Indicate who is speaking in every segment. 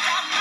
Speaker 1: Yeah.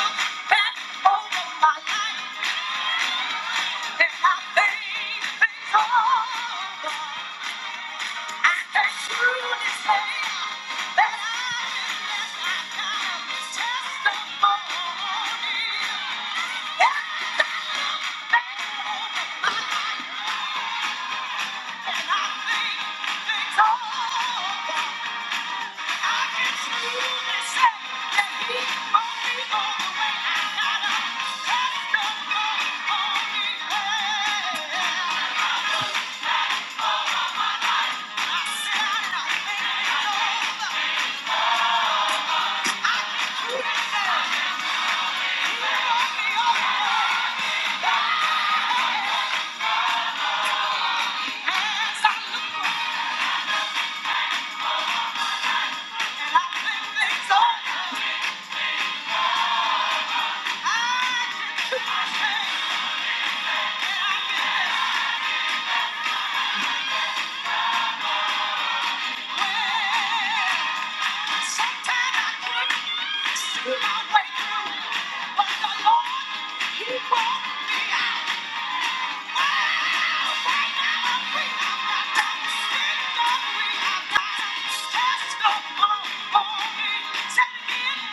Speaker 1: Thank you.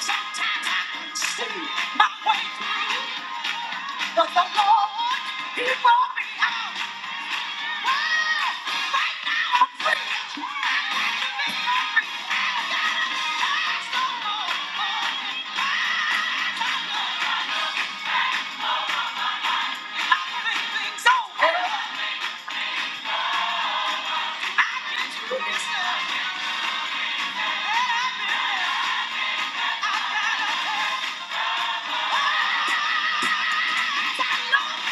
Speaker 1: Sometimes I can see my way through, but the Lord, He brought me out. Why? Right now I'm free. I got to be free. There's no more. I think things over. I can do this. still. I gotta take I love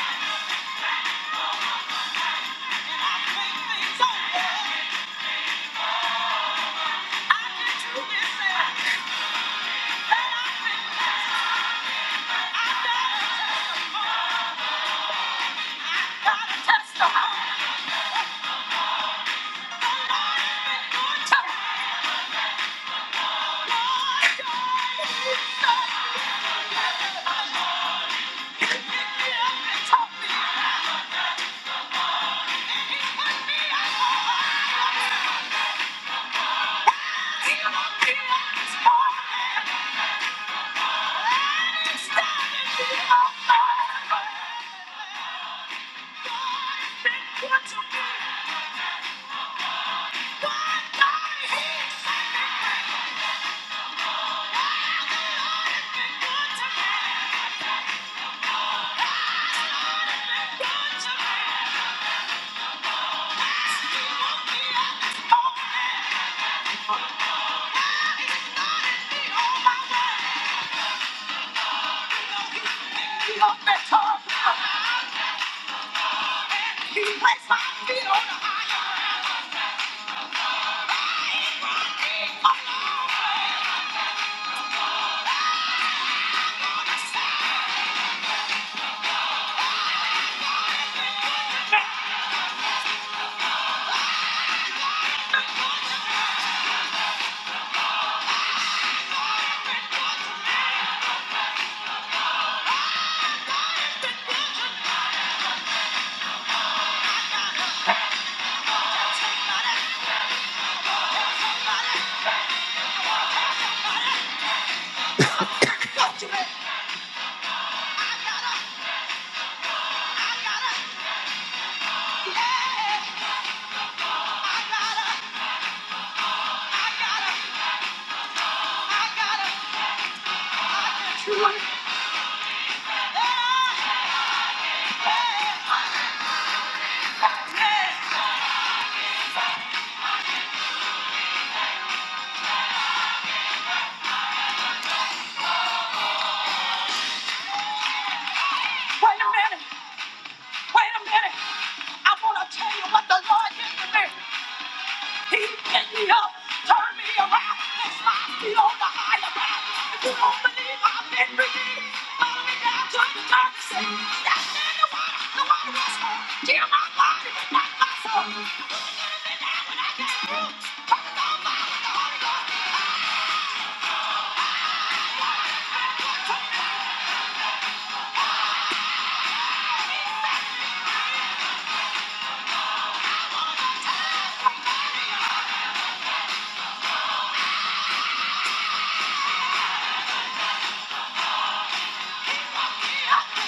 Speaker 1: and I think things over. I can do this. still. I gotta testify. Thank you. He placed my feet on the hardest side. Somebody, somebody, I gotta, I gotta, yeah, I gotta, I gotta, I gotta, I got you. Yeah, yeah. Wait a minute, wait a minute. I wanna tell you what the Lord did to me. He picked me up, turned me around, and my me on the higher ground. If you don't believe I've been redeemed, follow me down to the dirty sea. Step in the water, the water is cold. Kill my body, but not my soul.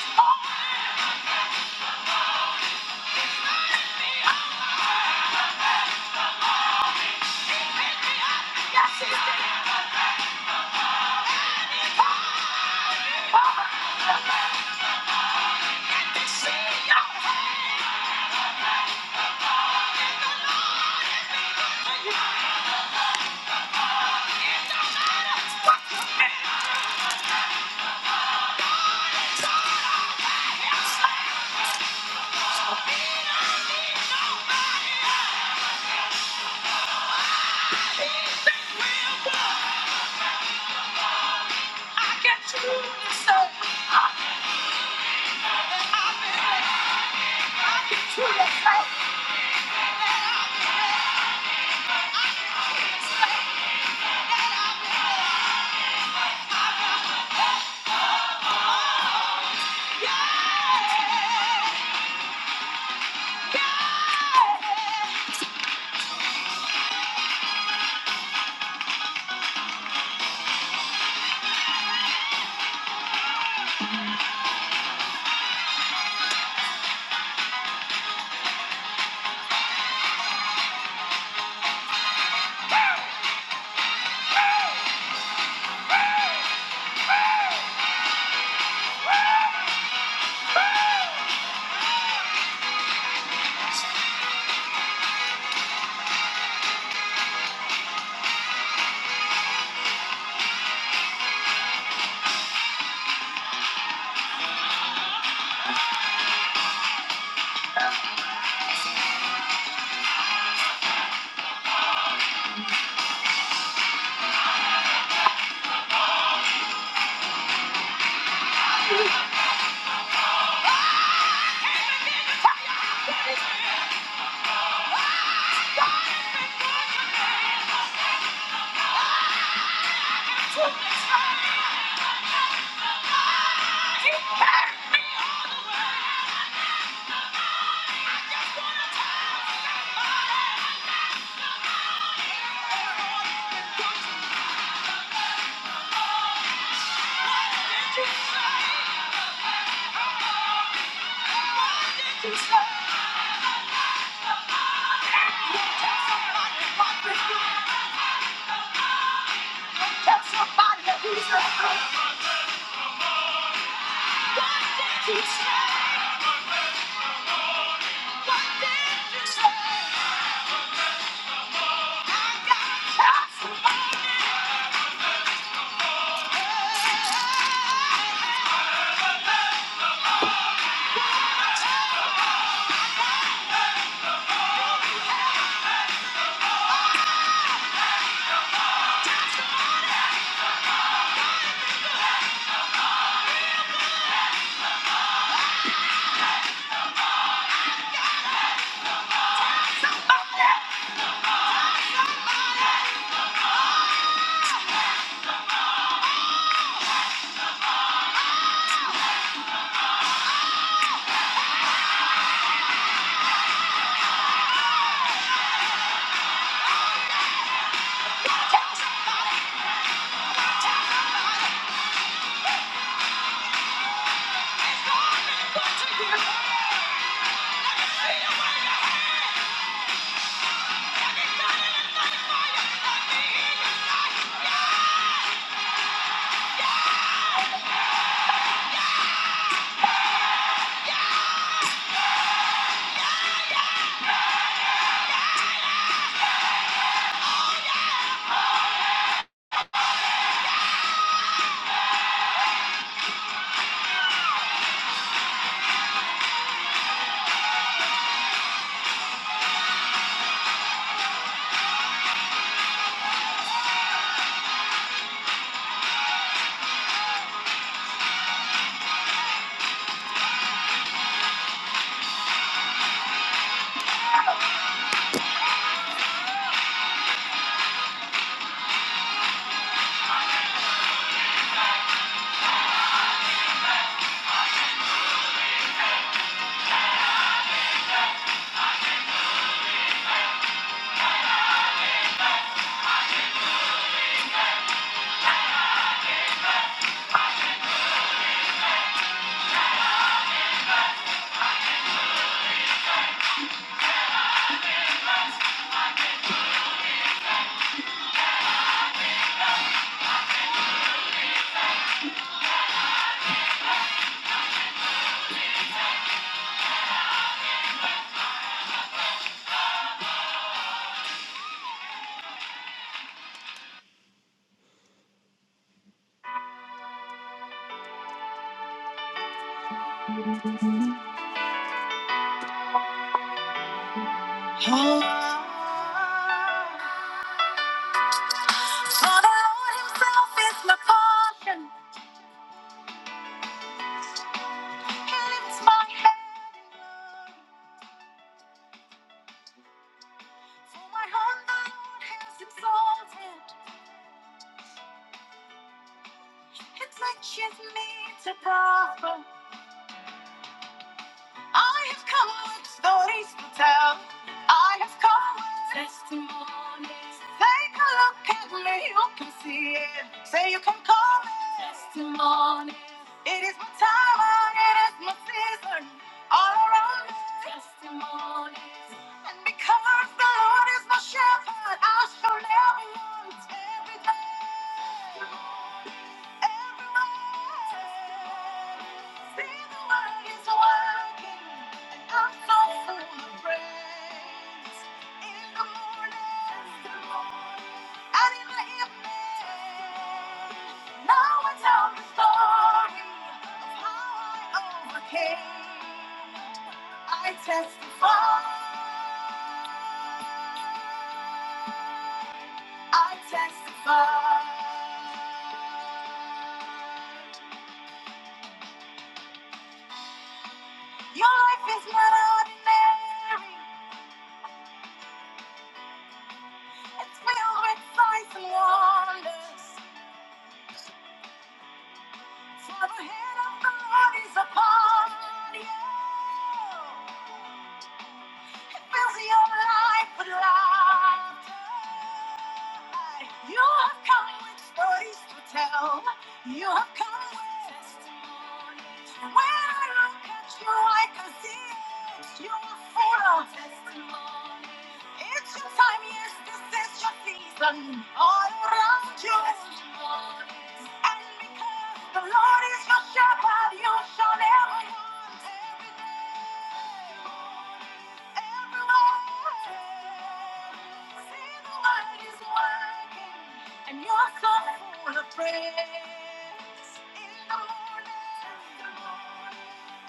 Speaker 1: I guess it's over, I guess it's dead. Over, see your head. Don't matter what you mean, I'm sorry, I'm slain. So be not known. I can truly say, I I can truly say, I am God. Oh, the Lord Himself is my portion. He lifts my head. For my whole life is exalted. It teaches me to prosper. I have come with stories to tell. I have come with it. Take a look at me, you can see it. Say you can call it. It is my time, and it is my season. All around me. And because the Lord is my shepherd, I shall never want everything. I testify, I testify, your life is not ordinary. It's filled with signs and wonders. For the hand of the Lord is upon you. It fills your life with laughter. You have come with stories to tell. You have come with testimonies. And when I look at you, I can see it. You are full of testimonies. It's your time, yes, this is your season. All around you. Testimonies. And because the Lord is your shepherd, you shall never want. Everywhere. See the Lord is working, and your soul full of praise. In the morning,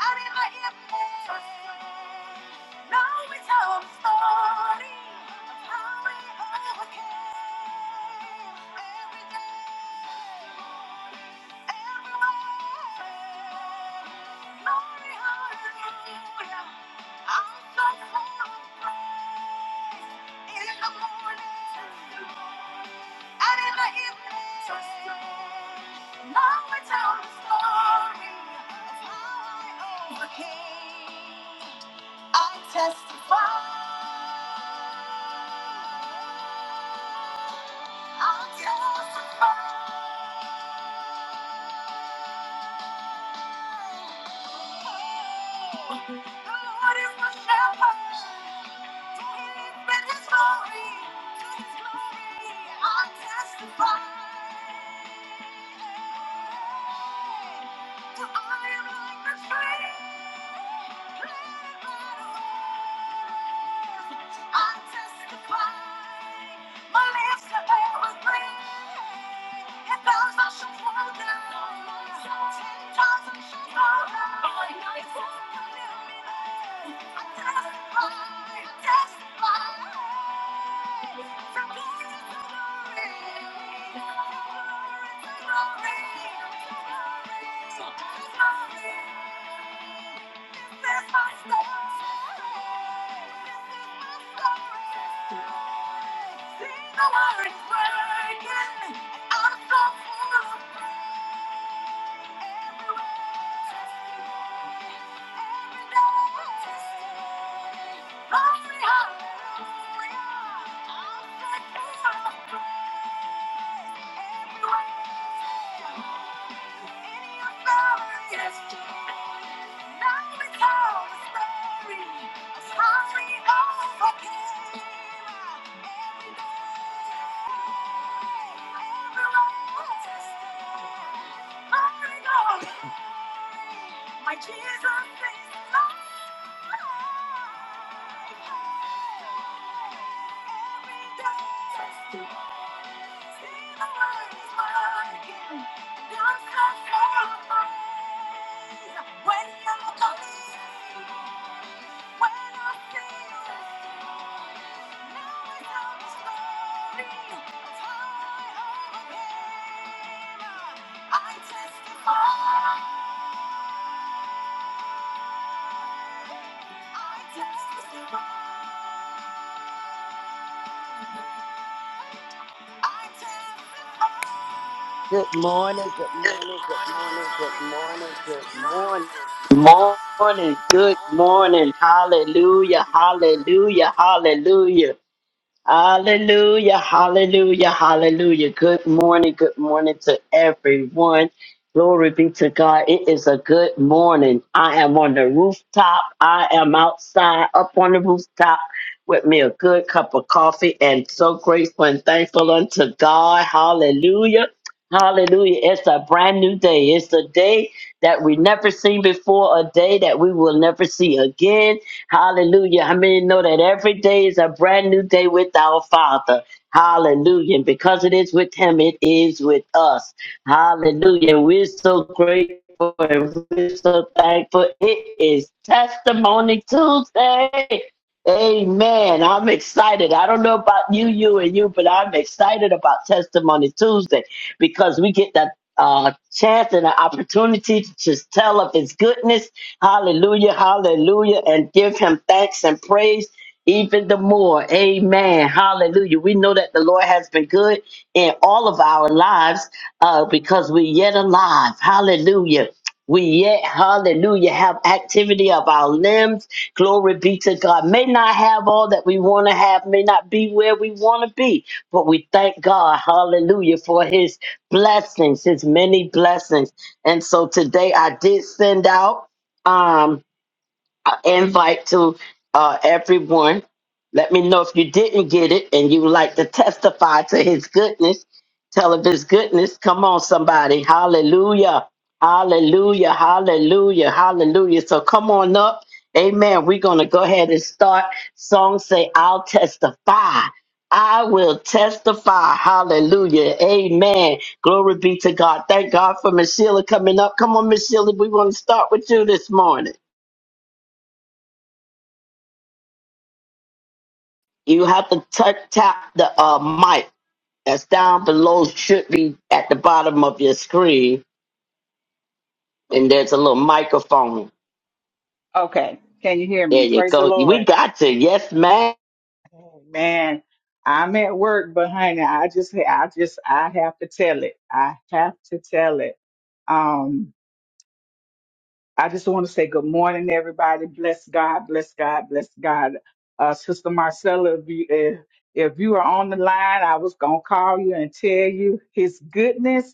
Speaker 1: and in the evening. Now it's our story of how we overcame every day, everywhere. Glory, hallelujah. I'm so full the morning and in the evening. Now it's our story of how I overcame. I testify. My lips are filled with praise. Sing the word, working, I'm so full of Thank you. My Jesus is mine. Every day is new. See the Lord is working. Don't compromise. When you're calling, when I feel now is not the story. I testify. I testify.
Speaker 2: Good morning, good morning, good morning, good morning, good morning. Morning, good morning. Hallelujah, hallelujah, hallelujah. Hallelujah, hallelujah, hallelujah. Good morning, good morning to everyone. Glory be to God. It is a good morning. I am on the rooftop. I am outside up on the rooftop with me a good cup of coffee and so grateful and thankful unto God. Hallelujah. Hallelujah. It's a brand new day. It's a day that we never seen before, a day that we will never see again. Hallelujah. How many know that every day is a brand new day with our Father? Hallelujah. And because it is with Him, it is with us. Hallelujah. We're so grateful and we're so thankful. It is Testimony Tuesday. Amen. I'm excited. I don't know about you, you, and you, but I'm excited about Testimony Tuesday because we get that uh, chance and an opportunity to just tell of His goodness Hallelujah, hallelujah, and give him thanks and praise even the more. Amen. Hallelujah. We know that the Lord has been good in all of our lives uh, because we're yet alive. Hallelujah. We yet, hallelujah, have activity of our limbs. Glory be to God. May not have all that we want to have, may not be where we want to be, but we thank God, hallelujah, for his blessings, his many blessings. And so today I did send out um invite to uh everyone. Let me know if you didn't get it and you would like to testify to his goodness. Tell of his goodness. Come on, somebody. Hallelujah. Hallelujah. Hallelujah. Hallelujah. So come on up. Amen. We're gonna go ahead and start. Songs say, I'll testify. I will testify. Hallelujah. Amen. Glory be to God. Thank God for Miss Sheila coming up. Come on, Miss Sheila. We want to start with you this morning. You have to touch tap the uh, mic that's down below. Should be at the bottom of your screen, and there's a little microphone.
Speaker 3: Okay, can you hear
Speaker 2: There
Speaker 3: me?
Speaker 2: you
Speaker 3: Praise the
Speaker 2: go.
Speaker 3: Lord.
Speaker 2: We got you. Yes, man.
Speaker 3: Man, I'm at work, but honey, I just, I just, I have to tell it. I have to tell it. Um, I just want to say good morning, everybody. Bless God, bless God, bless God. Uh, Sister Marcella, if you, if, if you are on the line, I was gonna call you and tell you His goodness.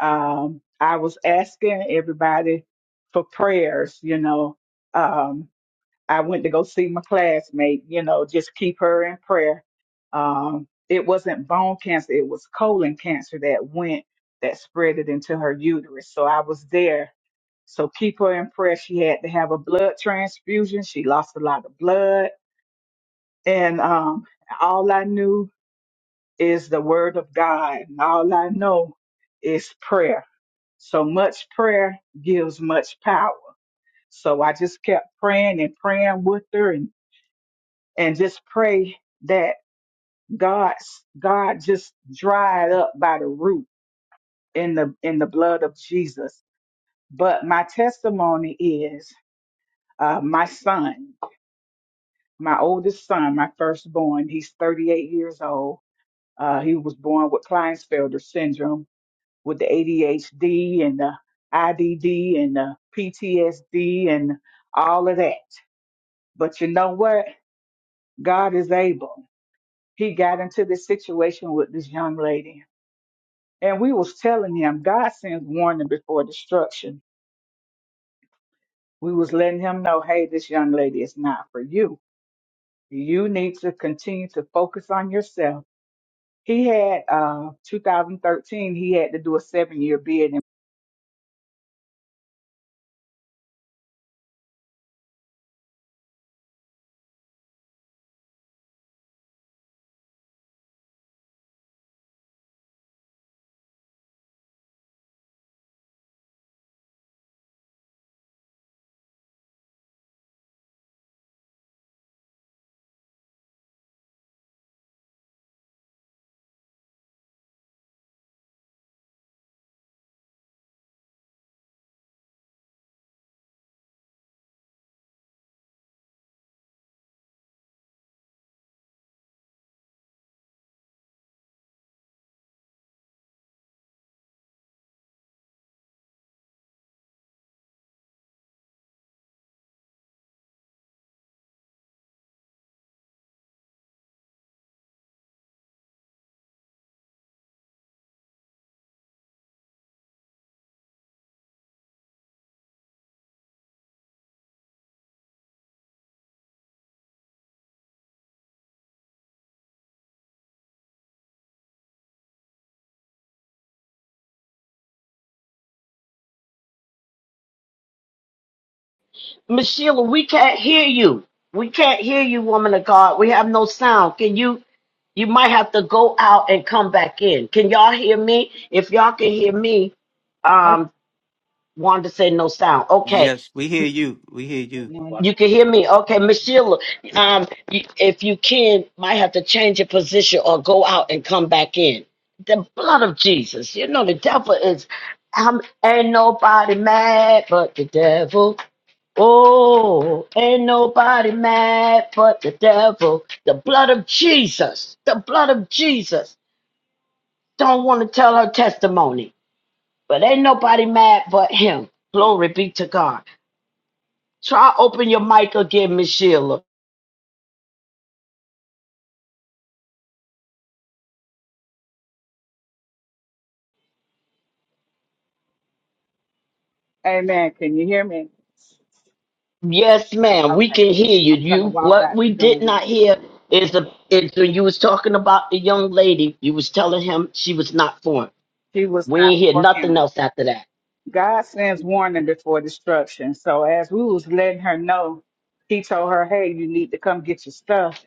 Speaker 3: Um, I was asking everybody for prayers, you know. Um, I went to go see my classmate, you know, just keep her in prayer. Um, it wasn't bone cancer, it was colon cancer that went, that spread it into her uterus. So I was there. So keep her in prayer. She had to have a blood transfusion. She lost a lot of blood. And um, all I knew is the word of God. And all I know is prayer. So much prayer gives much power. So I just kept praying and praying with her. and just pray that God God just dried up by the root in the in the blood of Jesus. But my testimony is uh, my son, my oldest son, my firstborn. He's 38 years old. Uh, he was born with Klinefelter syndrome, with the ADHD and the IDD and the PTSD and all of that. But you know what? God is able. He got into this situation with this young lady And we was telling him God sends warning before destruction. We was letting him know, hey, this young lady is not for you. You need to continue to focus on yourself. He had uh 2013, he had to do a seven year bid in
Speaker 2: Miss Sheila, we can't hear you. We can't hear you, woman of God. We have no sound. Can you? You might have to go out and come back in. Can y'all hear me? If y'all can hear me,
Speaker 3: I
Speaker 2: um, wanted to say no sound. Okay.
Speaker 1: Yes, we hear you. We hear you.
Speaker 2: You can hear me, okay, Miss Sheila. Um, you- if you can, might have to change your position or go out and come back in. The blood of Jesus. You know the devil is. Um, ain't nobody mad but the devil. Oh, ain't nobody mad but the devil. The blood of Jesus. The blood of Jesus. Don't want to tell her testimony, but ain't nobody mad but him. Glory be to God. Try open your mic again, Miss Sheila.
Speaker 3: Amen. Can you hear me?
Speaker 2: Yes, ma'am.
Speaker 3: Okay.
Speaker 2: We can hear you.
Speaker 3: I'm gonna
Speaker 2: You
Speaker 3: walk out
Speaker 2: what
Speaker 3: the
Speaker 2: we
Speaker 3: door
Speaker 2: did not
Speaker 3: today.
Speaker 2: hear is the is when you was talking about the young lady. You was telling him she was not foreign.
Speaker 3: She was
Speaker 2: We
Speaker 3: not
Speaker 2: ain't hear
Speaker 3: for
Speaker 2: nothing
Speaker 3: him.
Speaker 2: else after that.
Speaker 3: God sends warning before destruction. So as we was letting her know, he told her, Hey, you need to come get your stuff.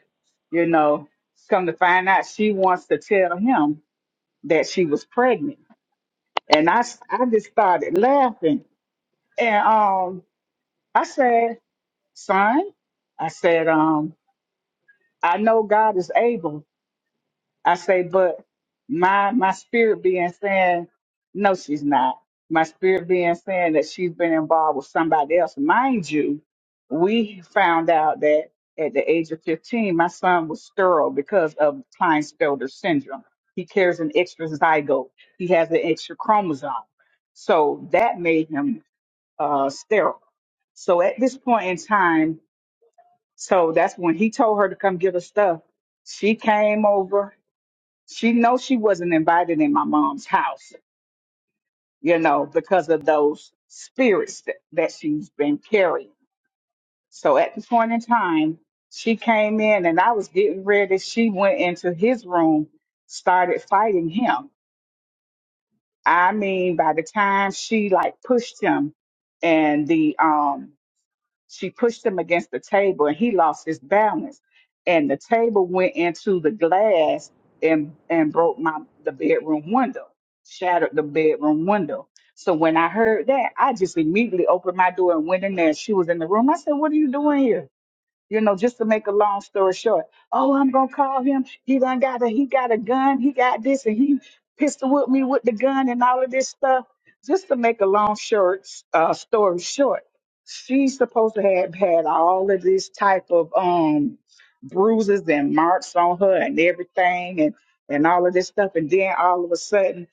Speaker 3: you know, come to find out she wants to tell him that she was pregnant. And I, s- I just started laughing. And um, I said, son, I said, um, I know God is able I say, but my my spirit being saying, no, she's not. My spirit being saying that she's been involved with somebody else. Mind you, we found out that at the age of 15, my son was sterile because of Klinefelter syndrome. He carries an extra zygote. He has an extra chromosome. So that made him uh, sterile. So at this point in time, so that's when he told her to come get her stuff. She came over she knows she wasn't invited in my mom's house, you know, because of those spirits that, that she's been carrying. So at the point in time, she came in and I was getting ready. She went into his room, started fighting him. I mean, by the time she like pushed him and the um She pushed him against the table and he lost his balance. And the table went into the glass and, and broke my the bedroom window, shattered the bedroom window. So when I heard that, I just immediately opened my door and went in there. She was in the room. I said, What are you doing here? you know, just to make a long story short, oh, I'm gonna call him. He done got a he got a gun. He got this, and he pistol with me with the gun and all of this stuff. Just to make a long short uh, story short, she's supposed to have had all of this type of um bruises and marks on her and everything, and and all of this stuff. And then all of a sudden,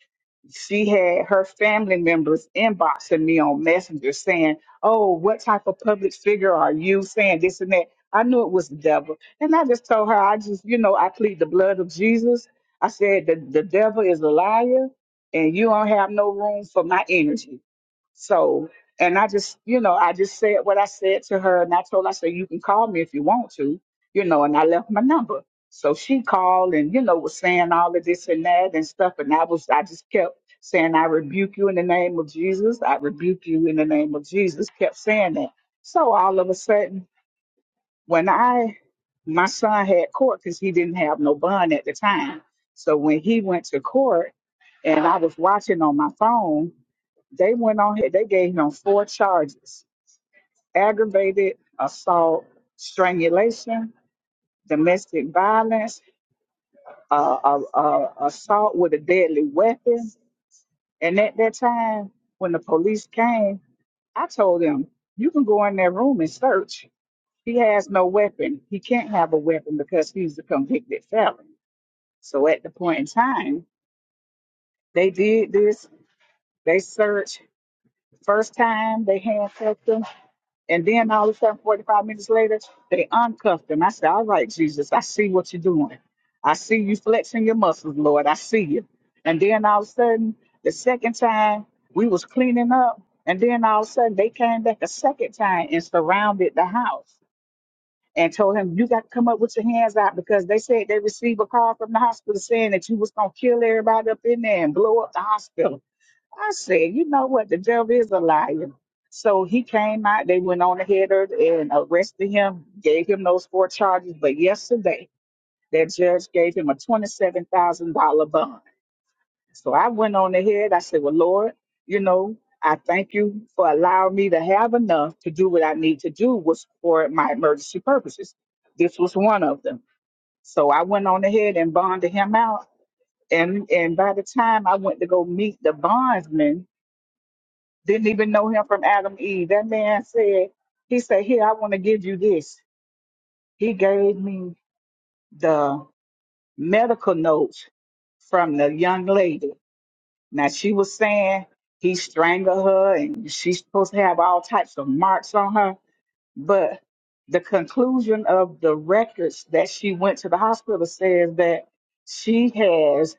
Speaker 3: she had her family members inboxing me on Messenger saying, Oh, what type of public figure are you saying this and that? I knew it was the devil. And I just told her, I just, you know, I plead the blood of Jesus. I said, The, the devil is a liar and you don't have no room for my energy. So, and I just, you know, I just said what I said to her, and I told her, I said, you can call me if you want to, you know, and I left my number. So she called and, you know, was saying all of this and that and stuff. And I was, I just kept saying, I rebuke you in the name of Jesus. I rebuke you in the name of Jesus. Kept saying that. So all of a sudden, when I my son had court because he didn't have no bond at the time. So when he went to court and I was watching on my phone, they went on here, they gave him four charges aggravated assault, strangulation, domestic violence, uh, uh, uh, assault with a deadly weapon. And at that time, when the police came, I told them, you can go in that room and search he has no weapon. He can't have a weapon because he's a convicted felon. So at the point in time, they did this. They searched first time, they handcuffed him, and then all of a sudden, 45 minutes later, they uncuffed him. I said, All right, Jesus, I see what you're doing. I see you flexing your muscles, Lord. I see you. And then all of a sudden, the second time, we was cleaning up, and then all of a sudden they came back a second time and surrounded the house. and told him, "You got to come up with your hands out because they said they received a call from the hospital saying that you was gonna kill everybody up in there and blow up the hospital." I said, "You know what? The devil is a liar." So he came out. They went on ahead of- and arrested him, gave him those four charges. But yesterday, that judge gave him a twenty-seven thousand dollar bond. So I went on ahead. I said, Well, Lord, you know, I thank you for allowing me to have enough to do what I need to do was for my emergency purposes. This was one of them. So I went on ahead and bonded him out. And and by the time I went to go meet the bondsman, didn't even know him from Adam Eve. That man said, he said, Here, I want to give you this. He gave me the medical notes from the young lady Now she was saying he strangled her and she's supposed to have all types of marks on her. But the conclusion of the records that she went to the hospital says that she has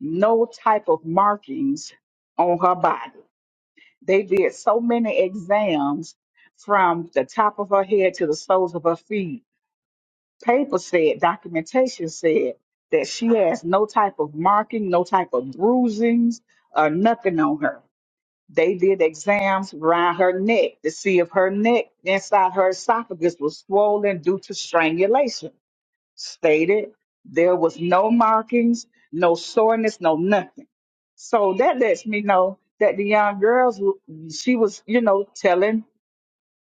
Speaker 3: no type of markings on her body. They did so many exams from the top of her head to the soles of her feet. Paper said, documentation said that she has no type of marking, no type of bruisings, or nothing on her. They did exams around her neck to see if her neck inside her esophagus was swollen due to strangulation. Stated there was no markings, no soreness, no nothing. So that lets me know that the young girls, w- she was, you know, telling,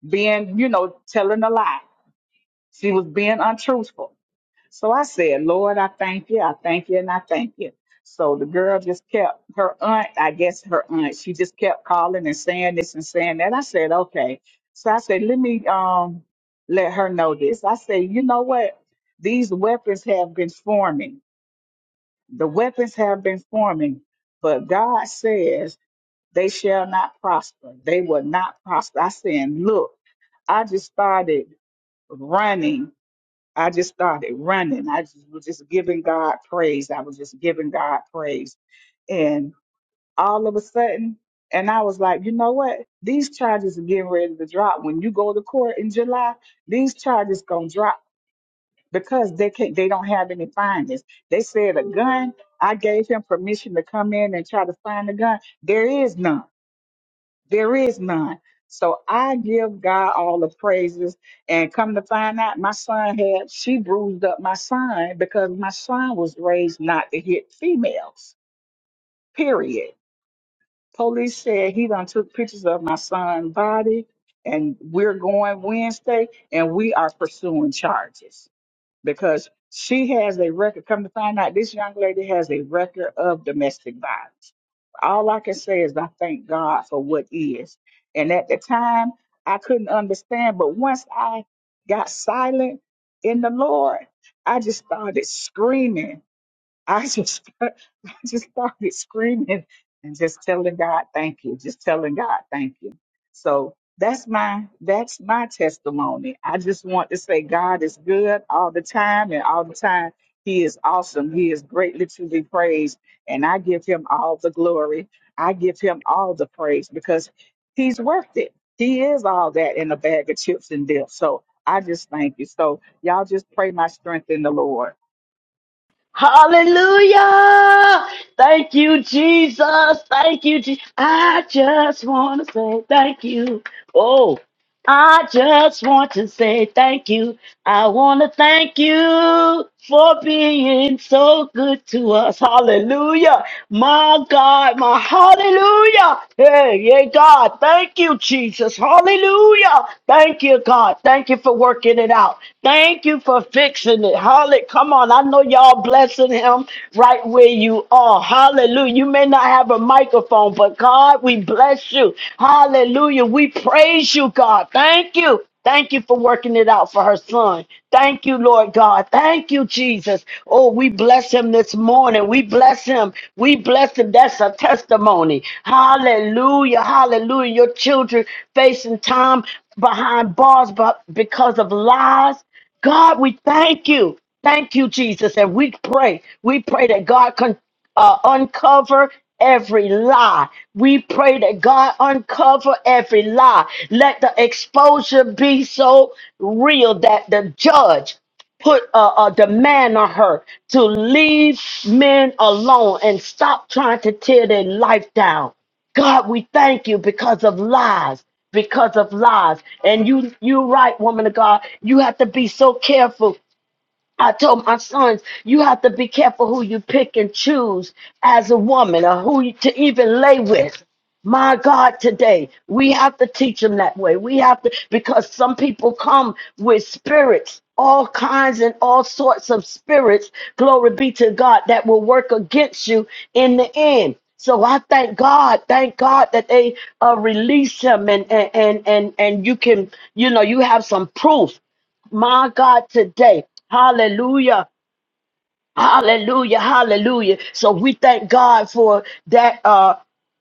Speaker 3: being, you know, telling a lie. She was being untruthful. So I said, Lord, I thank you, I thank you, and I thank you. So the girl just kept her aunt, I guess her aunt, she just kept calling and saying this and saying that. I said, okay. So I said, let me um let her know this. I said, you know what? These weapons have been forming. The weapons have been forming, but God says they shall not prosper. They will not prosper. I said, look, I just started running I just started running. I just was just giving God praise. I was just giving God praise. And all of a sudden, and I was like, you know what? These charges are getting ready to drop. When you go to court in July, these charges gonna drop because they can't they don't have any findings. They said a gun. I gave him permission to come in and try to find a gun. There is none. There is none. So I give God all the praises. And come to find out, my son had, she bruised up my son because my son was raised not to hit females, period. Police said he done took pictures of my son's body, and we're going Wednesday, and we are pursuing charges because she has a record. Come to find out, this young lady has a record of domestic violence. All I can say is I thank God for what is. And at the time, I couldn't understand, but once I got silent in the Lord, I just started screaming I just I just started screaming and just telling God thank you, just telling God thank you. So that's my that's my testimony. I just want to say God is good all the time and all the time he is awesome. He is greatly to be praised and I give him all the glory. I give him all the praise because he's worth it. He is all that in a bag of chips and dip. So I just thank you. So y'all just pray my strength in the Lord.
Speaker 2: Hallelujah! Thank you, Jesus. Thank you, Jesus. I just want to say thank you. Oh, I just want to say thank you. I want to thank you for being so good to us. Hallelujah. My God, my hallelujah. Hey, yeah, God. Thank you, Jesus. Hallelujah. Thank you, God. Thank you for working it out. Thank you for fixing it. Hallelujah. Come on. I know y'all blessing him right where you are. Hallelujah. You may not have a microphone, but God, we bless you. Hallelujah. We praise you, God. Thank you. Thank you for working it out for her son. Thank you, Lord God. Thank you, Jesus. Oh, we bless him this morning. We bless him. We bless him. That's a testimony. Hallelujah. Hallelujah. Your children facing time behind bars but because of lies. God, we thank you. Thank you, Jesus. And we pray. We pray that God can uh, uncover every lie. We pray that God uncover every lie. Let the exposure be so real that the judge put a, a demand on her to leave men alone and stop trying to tear their life down. God, we thank you because of lies, because of lies. And you, you right, woman of God. You have to be so careful I told my sons, you have to be careful who you pick and choose as a woman or who you, to even lay with. My God, today we have to teach them that way. We have to, because some people come with spirits, all kinds and all sorts of spirits, glory be to God, that will work against you in the end. So I thank God, thank God that they uh, release him and, and and and and you can, you know, you have some proof my God, today. Hallelujah. Hallelujah. Hallelujah. So we thank God for that uh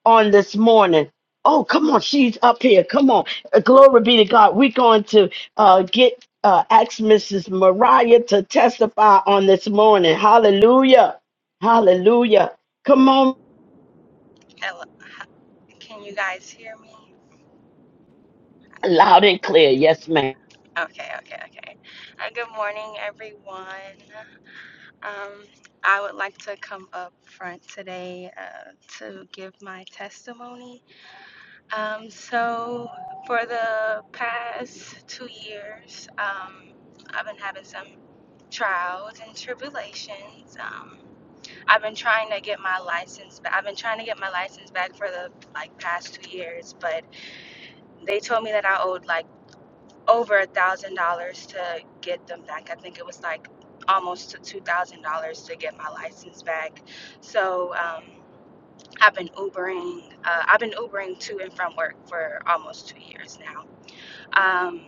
Speaker 2: on this morning. Oh, come on, she's up here. Come on. Uh, Glory be to God. We're going to uh get uh ask Mrs. Mariah to testify on this morning. Hallelujah. Hallelujah. Come on,
Speaker 4: can you guys hear me?
Speaker 2: loud and clear. Yes, ma'am.
Speaker 4: Okay, okay, okay. Uh, good morning, everyone. Um, I would like to come up front today uh, to give my testimony. Um, so, for the past two years, um, I've been having some trials and tribulations. Um, I've been trying to get my license back. I've been trying to get my license back for the like past two years, but they told me that I owed like. over a thousand dollars to get them back. I think it was like almost to two thousand dollars to get my license back. So um, I've been Ubering. Uh, I've been Ubering to and from work for almost two years now. Um,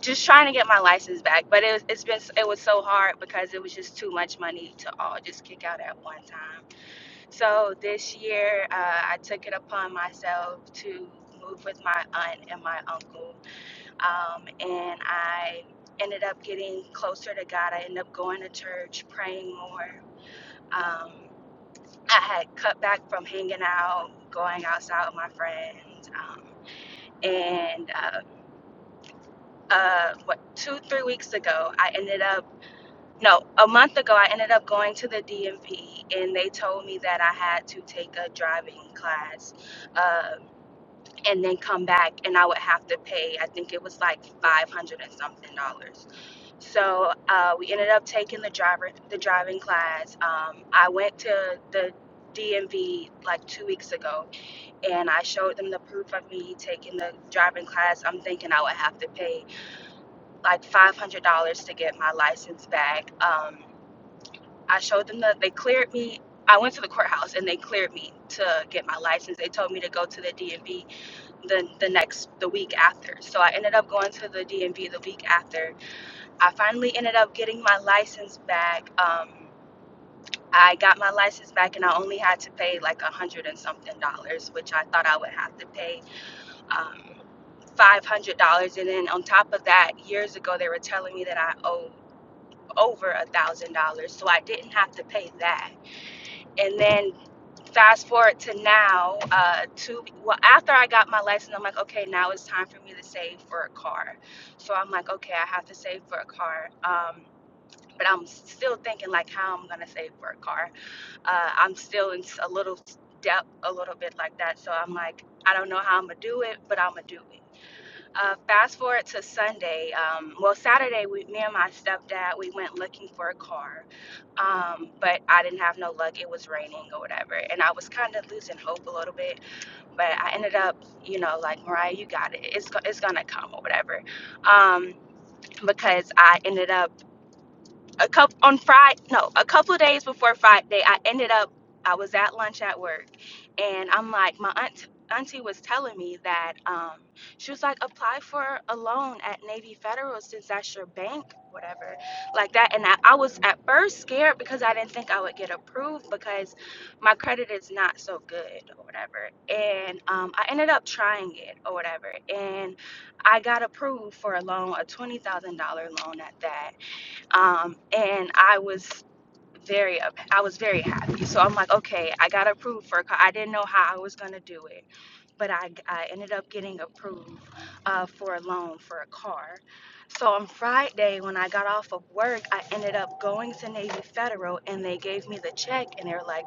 Speaker 4: just trying to get my license back, but it, it's been it was so hard because it was just too much money to all just kick out at one time. So this year, uh, I took it upon myself to move with my aunt and my uncle um, and I ended up getting closer to God. I ended up going to church, praying more. Um, I had cut back from hanging out, going outside with my friends, um, and uh, uh, what two, three weeks ago, I ended up no, a month ago, I ended up going to the DMV, and they told me that I had to take a driving class. Uh, and then come back and I would have to pay I think it was like five hundred and something dollars So uh, we ended up taking the driver the driving class. Um, I went to the DMV like two weeks ago, and I showed them the proof of me taking the driving class. I'm thinking I would have to pay like five hundred dollars to get my license back. Um, I showed them that they cleared me. I went to the courthouse and they cleared me to get my license. They told me to go to the DMV the the next the week after. So I ended up going to the DMV the week after I finally ended up getting my license back. Um, I got my license back and I only had to pay like a hundred and something dollars, which I thought I would have to pay um, five hundred dollars. And then on top of that, years ago they were telling me that I owe over a thousand dollars, so I didn't have to pay that. And then fast forward to now, uh, two well after I got my license, I'm like, okay, now it's time for me to save for a car. So I'm like, okay, I have to save for a car. Um, but I'm still thinking like how I'm gonna save for a car. Uh, I'm still in s- a little s- doubt, a little bit like that. So I'm like, I don't know how I'm gonna do it, but I'm gonna do it. Uh, fast forward to Sunday. Um, well, Saturday, we, me and my stepdad, we went looking for a car, um, but I didn't have no luck. It was raining or whatever, and I was kind of losing hope a little bit. But I ended up, you know, like Mariah, you got it. It's go- it's gonna come or whatever, um, because I ended up a couple on Friday, no, a couple of days before Friday, I ended up, I was at lunch at work, and I'm like, my aunt, auntie was telling me that um, she was like, apply for a loan at Navy Federal since that's your bank, whatever, like that. And I, I was at first scared because I didn't think I would get approved because my credit is not so good or whatever. And um, I ended up trying it or whatever, and I got approved for a loan, a twenty thousand dollar loan at that um, and I was very up. I was very happy. So I'm like, okay, I got approved for. a car. I didn't know how I was gonna do it, but I I ended up getting approved uh, for a loan for a car. So on Friday when I got off of work, I ended up going to Navy Federal, and they gave me the check, and they're like,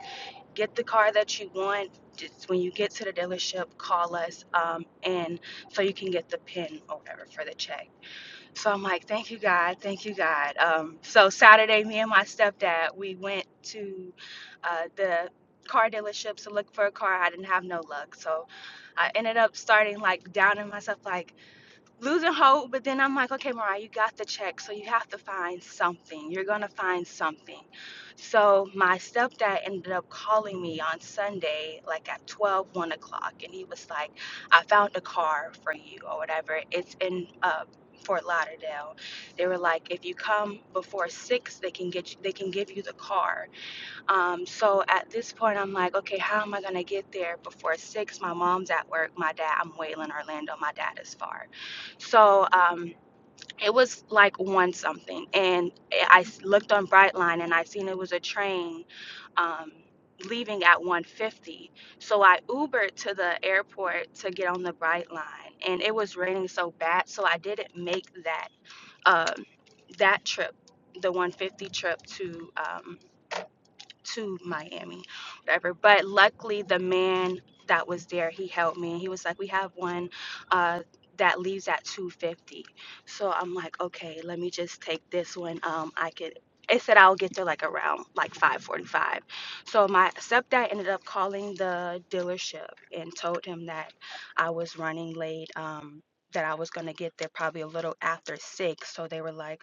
Speaker 4: get the car that you want. Just when you get to the dealership, call us, um, and so you can get the pin or whatever for the check. So I'm like, thank you, God. Thank you, God. Um, so Saturday, me and my stepdad, we went to uh, the car dealerships to look for a car. I didn't have no luck. So I ended up starting like down in myself, like, losing hope, but then I'm like, okay, Mariah, you got the check, so you have to find something. You're gonna find something. So my stepdad ended up calling me on Sunday, like at twelve one o'clock, and he was like, I found a car for you or whatever. It's in uh Fort Lauderdale. They were like, if you come before six, they can get you, they can give you the car. Um, so at this point, I'm like, okay, how am I gonna get there before six? My mom's at work. My dad, I'm Wayland, Orlando. My dad is far. So um, it was like one something, and I s- looked on Brightline and I seen it was a train um, leaving at 1:50. So I Ubered to the airport to get on the Brightline, and it was raining so bad, so I didn't make that um, that trip, the 150 trip to. Um, to Miami, whatever. But luckily, the man that was there, he helped me. He was like, "We have one uh, that leaves at 2:50." So I'm like, "Okay, let me just take this one. Um, I could." It said I'll get there like around like 5:45. So my stepdad ended up calling the dealership and told him that I was running late. Um, that I was gonna get there probably a little after six. So they were like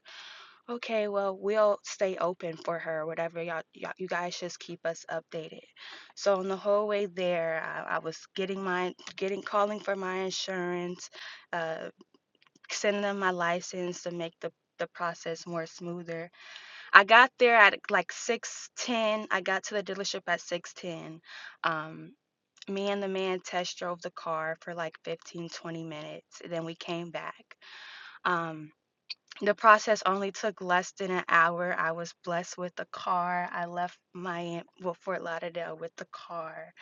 Speaker 4: Okay, well, we'll stay open for her, whatever y'all, y'all you guys just keep us updated. So on the whole way there, I, I was getting my getting calling for my insurance, uh, sending them my license to make the the process more smoother. I got there at like 6:10. I got to the dealership at 6:10. Um, me and the man test drove the car for like 15 20 minutes. Then we came back. Um, the process only took less than an hour. I was blessed with a car. I left Miami, well, Fort Lauderdale with the car.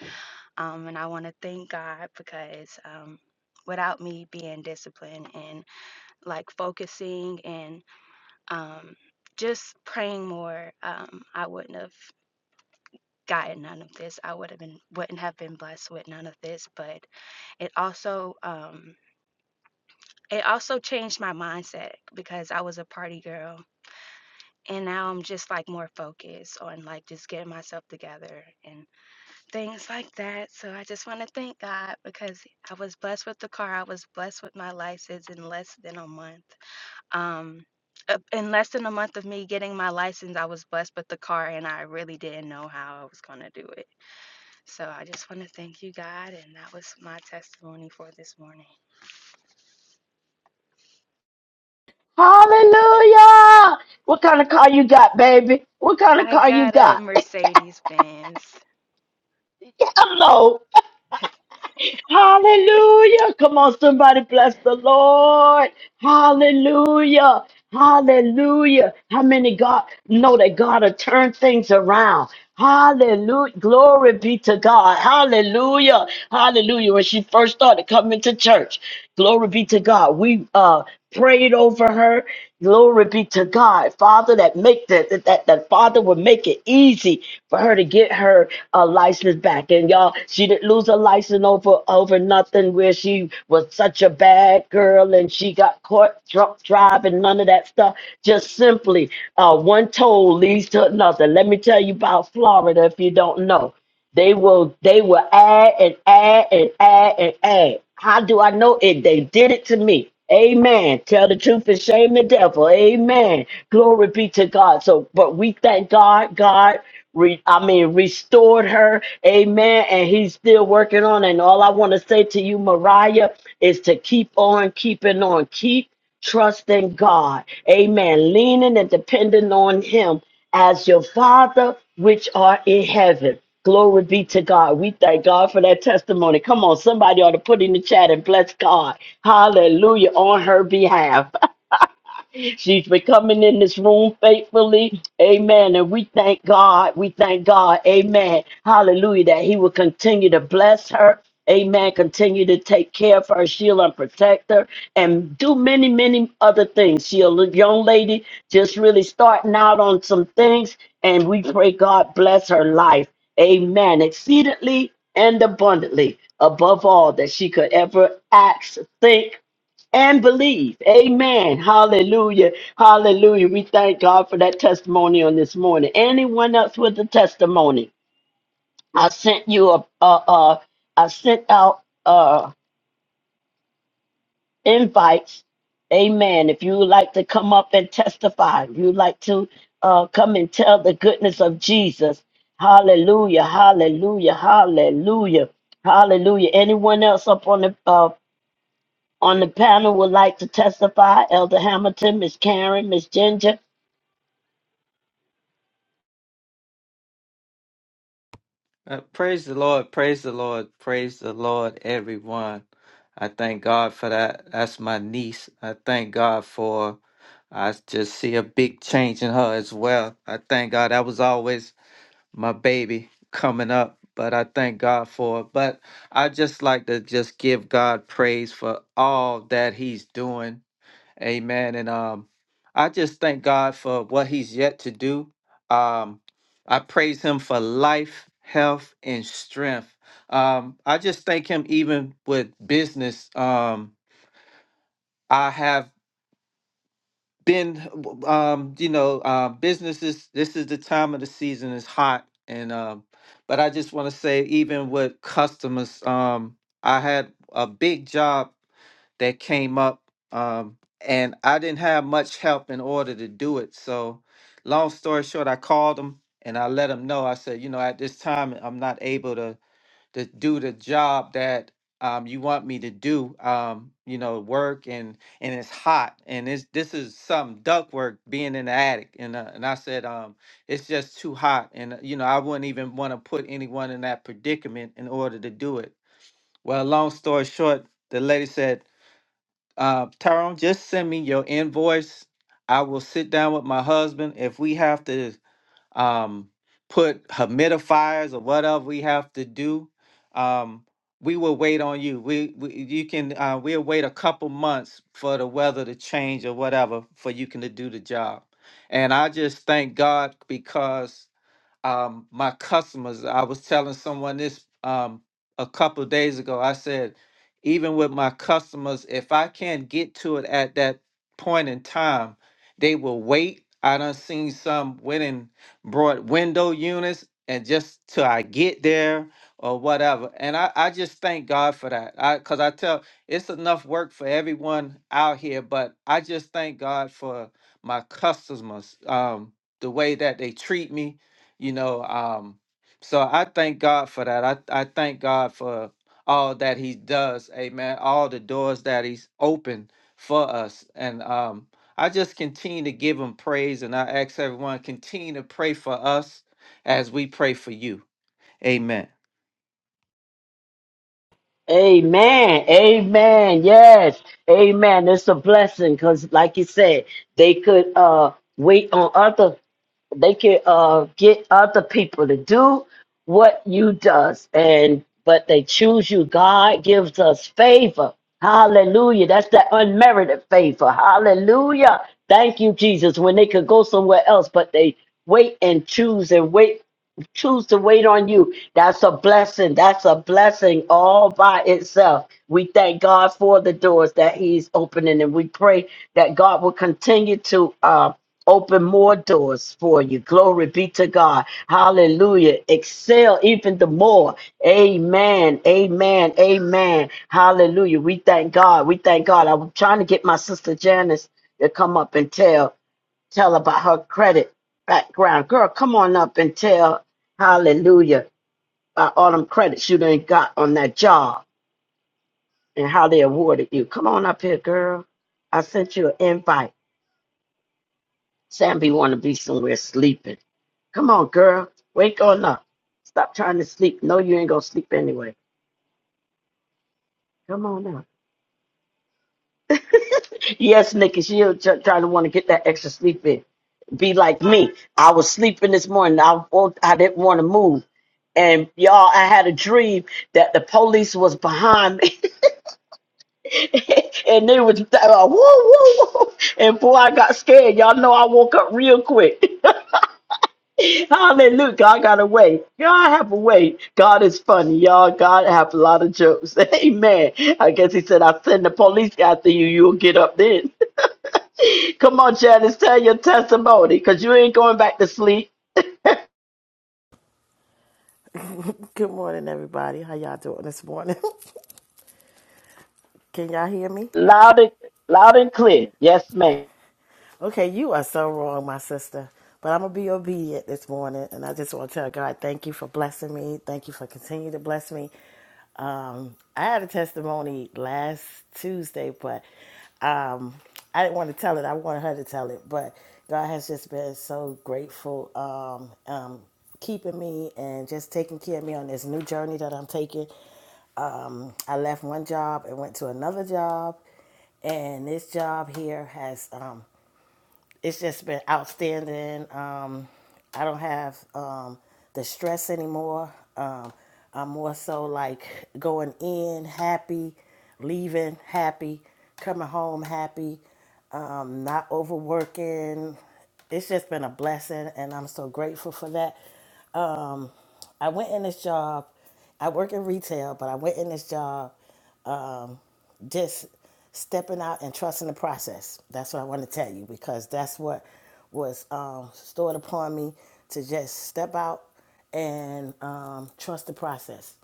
Speaker 4: Um, and I want to thank God because um, without me being disciplined and like focusing and um, just praying more, um, I wouldn't have gotten none of this. I would have been wouldn't have been blessed with none of this. But it also um, it also changed my mindset because I was a party girl and now I'm just like more focused on like just getting myself together and things like that. So I just want to thank God because I was blessed with the car. I was blessed with my license in less than a month. Um, uh, in less than a month of me getting my license, I was blessed with the car and I really didn't know how I was going to do it. So I just want to thank you, God. And that was my testimony for this morning.
Speaker 2: Hallelujah. What kind of car you got, baby? What kind of
Speaker 4: I
Speaker 2: car you
Speaker 4: got a
Speaker 2: got?
Speaker 4: Mercedes Benz.
Speaker 2: Hello. Hallelujah. Come on, somebody bless the Lord. Hallelujah. Hallelujah. How many God know that God will turn things around? Hallelujah. Glory be to God. Hallelujah. Hallelujah. When she first started coming to church, glory be to God. We uh prayed over her. Glory be to God, Father, that make that that that, that Father would make it easy for her to get her uh, license back. And y'all, she didn't lose her license over over nothing. Where she was such a bad girl and she got caught drunk driving, none of that stuff. Just simply, uh, one toll leads to another. Let me tell you about Florida if you don't know. They will they will add and add and add and add. How do I know it? They did it to me. Amen. Tell the truth and shame the devil. Amen. Glory be to God. So, but we thank God, God re, I mean, restored her. Amen. And he's still working on. it. And all I want to say to you, Mariah, is to keep on keeping on. Keep trusting God. Amen. Leaning and depending on him as your Father, which are in heaven. Glory be to God. We thank God for that testimony. Come on, somebody ought to put in the chat and bless God. Hallelujah on her behalf. She's been coming in this room faithfully. Amen. And we thank God. We thank God. Amen. Hallelujah. That He will continue to bless her. Amen. Continue to take care of her, shield and protect her, and do many, many other things. She's a young lady just really starting out on some things, and we pray God bless her life. Amen. Exceedingly and abundantly, above all that she could ever ask, think, and believe. Amen. Hallelujah. Hallelujah. We thank God for that testimony on this morning. Anyone else with a testimony? I sent you a, a, a I sent out uh invites. Amen. If you would like to come up and testify, if you'd like to uh come and tell the goodness of Jesus. Hallelujah. Hallelujah. Hallelujah. Hallelujah. Anyone else up on the uh, On the panel would like to testify Elder Hamilton, Miss Karen, Miss Ginger.
Speaker 1: Uh, praise the Lord, praise the Lord, praise the Lord, everyone. I thank God for that. That's my niece. I thank God for, I just see a big change in her as well. I thank God that was always my baby coming up, but I thank God for it. But I just like to just give God praise for all that He's doing Amen. And um, I just thank God for what He's yet to do. Um, I praise Him for life, health, and strength. Um, I just thank Him even with business. Um, I have been, um, you know, uh, businesses. This is the time of the season. is hot, and um, but I just want to say, even with customers, um, I had a big job that came up um, and i didn't have much help in order to do it so long story short i called him and i let him know i said you know at this time i'm not able to to do the job that um, you want me to do um, you know work and and it's hot and it's this is some duck work being in the attic and uh, and i said um it's just too hot and uh, you know i wouldn't even want to put anyone in that predicament in order to do it well long story short the lady said uh, Tyrone, just send me your invoice. I will sit down with my husband. If we have to um, put humidifiers or whatever we have to do, um, we will wait on you. We, we you can uh, we'll wait a couple months for the weather to change or whatever for you can to do the job. And I just thank God because um, my customers. I was telling someone this um, a couple days ago. I said, even with my customers, if I can't get to it at that point in time, they will wait. I done seen some went and brought window units and just till I get there or whatever. And I, I just thank God for that. I cause I tell it's enough work for everyone out here, but I just thank God for my customers, um, the way that they treat me, you know um so i thank god for that i i thank god for all that he does amen all the doors that he's opened for us and um i just continue to give him praise and i ask everyone continue to pray for us as we pray for you amen
Speaker 2: Amen. Amen. Yes. Amen. It's a blessing because, like you said, they could uh, wait on other they can uh, get other people to do what you does and but they choose you god gives us favor hallelujah that's that unmerited favor hallelujah thank you jesus when they could go somewhere else but they wait and choose and wait choose to wait on you. That's a blessing. That's a blessing all by itself. We thank God for the doors that He's opening, and we pray that God will continue to. um open more doors for you. Glory be to God. Hallelujah. Excel even the more. Amen. Amen. Amen. Hallelujah. We thank God. We thank God. I'm trying to get my sister Janice to come up and tell tell about her credit background. Girl, come on up and tell hallelujah about all them credits you done got on that job and how they awarded you. Come on up here, girl. I sent you an invite. Sammy wanna be somewhere sleeping. Come on, girl. Wake on up. Stop trying to sleep. No, you ain't gonna sleep anyway. Come on up. Yes, Nikki, she'll try to want to get that extra sleep in. Be like me. I was sleeping this morning. I woke, I didn't want to move. And y'all, I had a dream that the police was behind me, and they was uh, woo, woo, woo. And boy, I got scared. Y'all know I woke up real quick. Hallelujah. God got a way. God have a way. God is funny, y'all. God have a lot of jokes. Amen. I guess he said, I'll send the police after you. You'll get up then. Come on, Janice, tell your testimony because you ain't going back to sleep.
Speaker 5: Good morning, everybody. How y'all doing this morning? Can y'all hear me?
Speaker 2: Loud and, loud and clear. Yes, ma'am.
Speaker 5: Okay, you are so wrong, my sister. But I'm gonna be obedient this morning, and I just want to tell God, thank you for blessing me. Thank you for continuing to bless me. Um, I had a testimony last Tuesday, but um, I didn't want to tell it. I wanted her to tell it, but God has just been so grateful. Um, um, keeping me and just taking care of me on this new journey that I'm taking. Um, I left one job and went to another job, and this job here has um, it's just been outstanding. Um, I don't have um, the stress anymore. Um, I'm more so like going in happy, leaving happy, coming home happy, um, not overworking. It's just been a blessing, and I'm so grateful for that. Um, I went in this job. I work in retail, but I went in this job um, just stepping out and trusting the process. That's what I want to tell you because that's what was um, stored upon me to just step out and um, trust the process.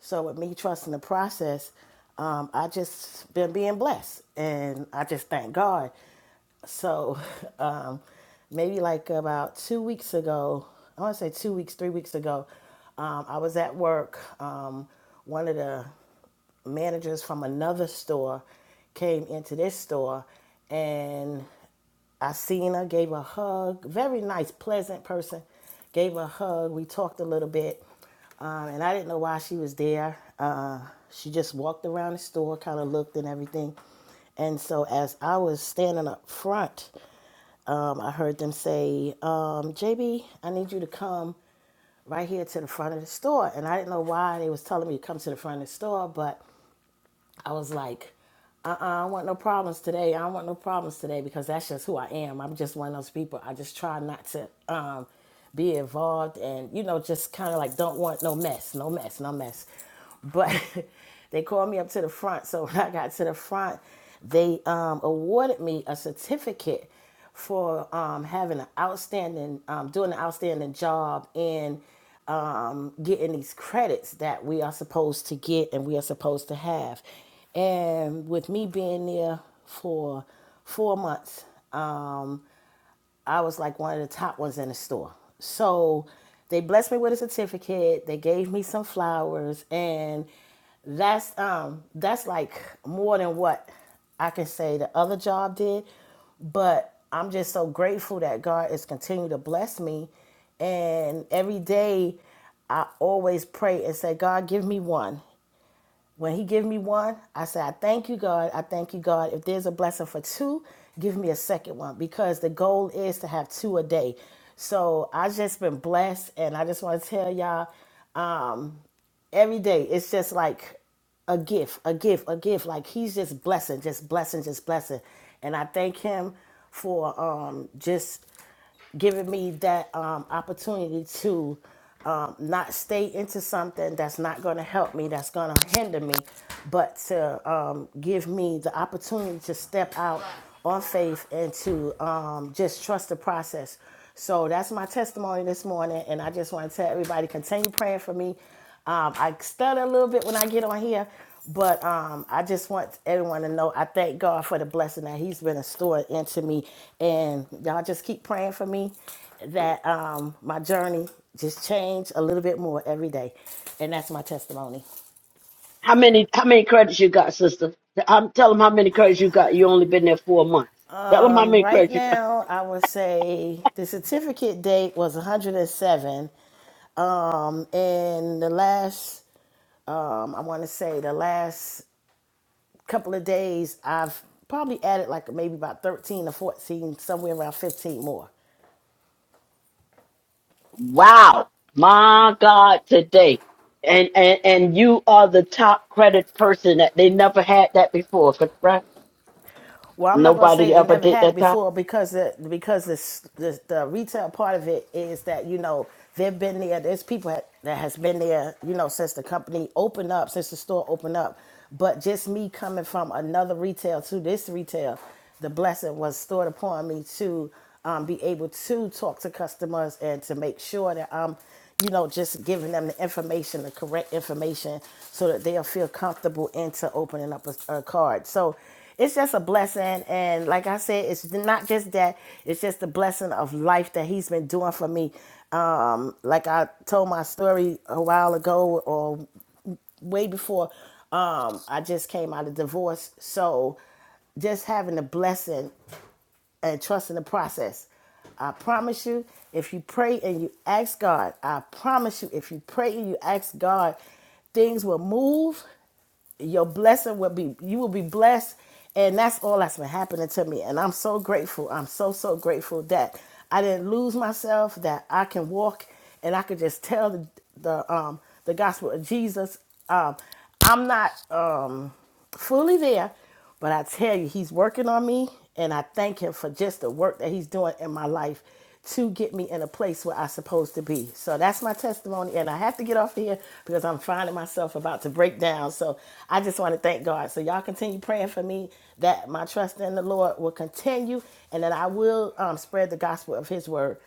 Speaker 5: So with me trusting the process, um, I just been being blessed, and I just thank God. So um, maybe like about two weeks ago, I want to say two weeks, three weeks ago, um, I was at work. Um, one of the managers from another store came into this store and I seen her, gave her a hug. Very nice, pleasant person. Gave her a hug. We talked a little bit. Um, and I didn't know why she was there. Uh, she just walked around the store, kind of looked and everything. And so as I was standing up front, um, I heard them say, um, JB, I need you to come right here to the front of the store. And I didn't know why they was telling me to come to the front of the store, but I was like, uh-uh, I don't want no problems today. I don't want no problems today because that's just who I am. I'm just one of those people. I just try not to um, be involved and, you know, just kind of like don't want no mess, no mess, no mess. But they called me up to the front. So when I got to the front, they um, awarded me a certificate for um, having an outstanding, um, doing an outstanding job in um, getting these credits that we are supposed to get and we are supposed to have. And with me being there for four months, um, I was like one of the top ones in the store. So they blessed me with a certificate. They gave me some flowers, and that's um that's like more than what I can say the other job did. But I'm just so grateful that God is continuing to bless me, and every day I always pray and say, God, give me one. When he give me one, I say, I thank you, God. I thank you, God. If there's a blessing for two, give me a second one because the goal is to have two a day. So I just been blessed and I just want to tell y'all every day it's just like a gift, a gift, a gift. Like he's just blessing, just blessing, just blessing. And I thank him for um just giving me that um, opportunity to um, not stay into something that's not going to help me, that's going to hinder me, but to um, give me the opportunity to step out on faith and to um, just trust the process. So that's my testimony this morning, and I just want to tell everybody continue praying for me. Um, I stutter a little bit when I get on here, but um, I just want everyone to know I thank God for the blessing that He's been restored into me. And y'all just keep praying for me that um, my journey just change a little bit more every day. And that's my testimony.
Speaker 2: How many how many credits you got, sister? I'm, tell them how many credits you got. You only been there four months. Tell them how
Speaker 5: Um,
Speaker 2: many
Speaker 5: Right
Speaker 2: credits you got.
Speaker 5: now, I would say the certificate date was 107. Um, and the last, um, I want to say the last couple of days, I've probably added like maybe about 13 or 14, somewhere around 15 more.
Speaker 2: Wow, my God, today. And, and and you are the top credit person that they never had that before, correct?
Speaker 5: Well, I'm not gonna say
Speaker 2: Nobody
Speaker 5: they
Speaker 2: ever
Speaker 5: never
Speaker 2: did
Speaker 5: had it
Speaker 2: that
Speaker 5: before because the, because this, this the retail part of it is that you know they've been there. There's people that that has been there, you know, since the company opened up, since the store opened up. But just me coming from another retail to this retail, the blessing was stored upon me to um, be able to talk to customers and to make sure that I'm, you know, just giving them the information, the correct information, so that they'll feel comfortable into opening up a, a card. So it's just a blessing and like i said it's not just that it's just the blessing of life that he's been doing for me um like i told my story a while ago or way before um i just came out of divorce so just having the blessing and trusting the process I promise you, if you pray and you ask God, I promise you, if you pray and you ask God, things will move your blessing will be you will be blessed and that's all that's been happening to me and i'm so grateful i'm so so grateful that i didn't lose myself that i can walk and i can just tell the, the um the gospel of jesus um i'm not um fully there but I tell you, he's working on me, and I thank him for just the work that he's doing in my life to get me in a place where I'm supposed to be. So that's my testimony, and I have to get off here because I'm finding myself about to break down. So I just want to thank God. So y'all continue praying for me that my trust in the Lord will continue, and that I will um, spread the gospel of His word.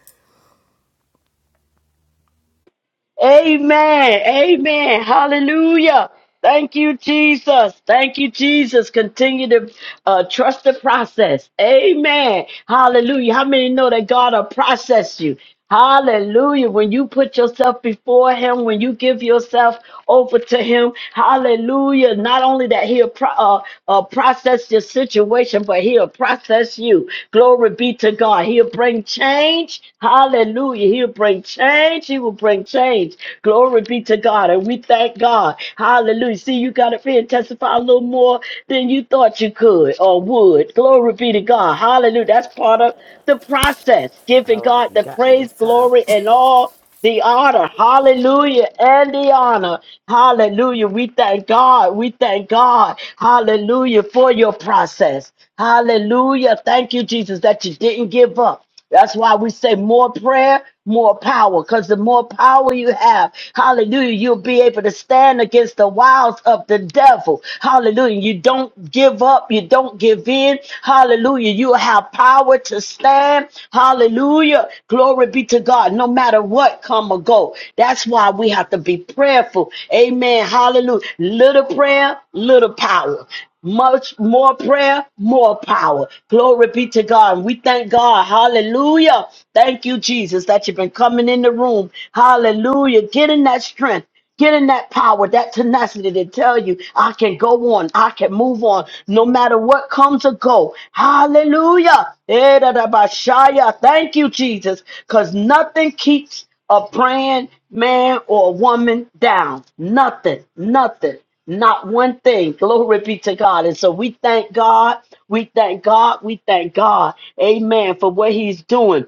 Speaker 2: Amen. Amen. Hallelujah. Thank you, Jesus. Thank you, Jesus. Continue to uh, trust the process. Amen. Hallelujah. How many know that God will process you? Hallelujah. When you put yourself before Him, when you give yourself over to Him, hallelujah. Not only that He'll pro- uh, uh, process your situation, but He'll process you. Glory be to God. He'll bring change. Hallelujah. He'll bring change she will bring change. Glory be to God. And we thank God. Hallelujah. See, you got to be and testify a little more than you thought you could or would. Glory be to God. Hallelujah. That's part of the process. Giving
Speaker 5: All right,
Speaker 2: God
Speaker 5: you
Speaker 2: the
Speaker 5: got me
Speaker 2: praise,
Speaker 5: this time.
Speaker 2: glory, and all the honor. Hallelujah. And the honor. Hallelujah. We thank God. We thank God. Hallelujah for your process. Hallelujah. Thank you, Jesus, that you didn't give up. That's why we say more prayer, more power, because the more power you have, hallelujah, you'll be able to stand against the wiles of the devil. Hallelujah. You don't give up. You don't give in. Hallelujah. You have power to stand. Hallelujah. Glory be to God. No matter what come or go. That's why we have to be prayerful. Amen. Hallelujah. Little prayer, little power. Much more prayer, more power. Glory be to God. we thank God. Hallelujah. Thank you, Jesus, that you've been coming in the room. Hallelujah. Getting that strength. Getting that power, that tenacity to tell you, I can go on, I can move on, no matter what comes or go. Hallelujah. Eh, da, da, ba, shaya. Thank you, Jesus, because nothing keeps a praying man or a woman down. Nothing, nothing. Not one thing. Glory be to God. And so we thank God. We thank God. We thank God. Amen. For what he's doing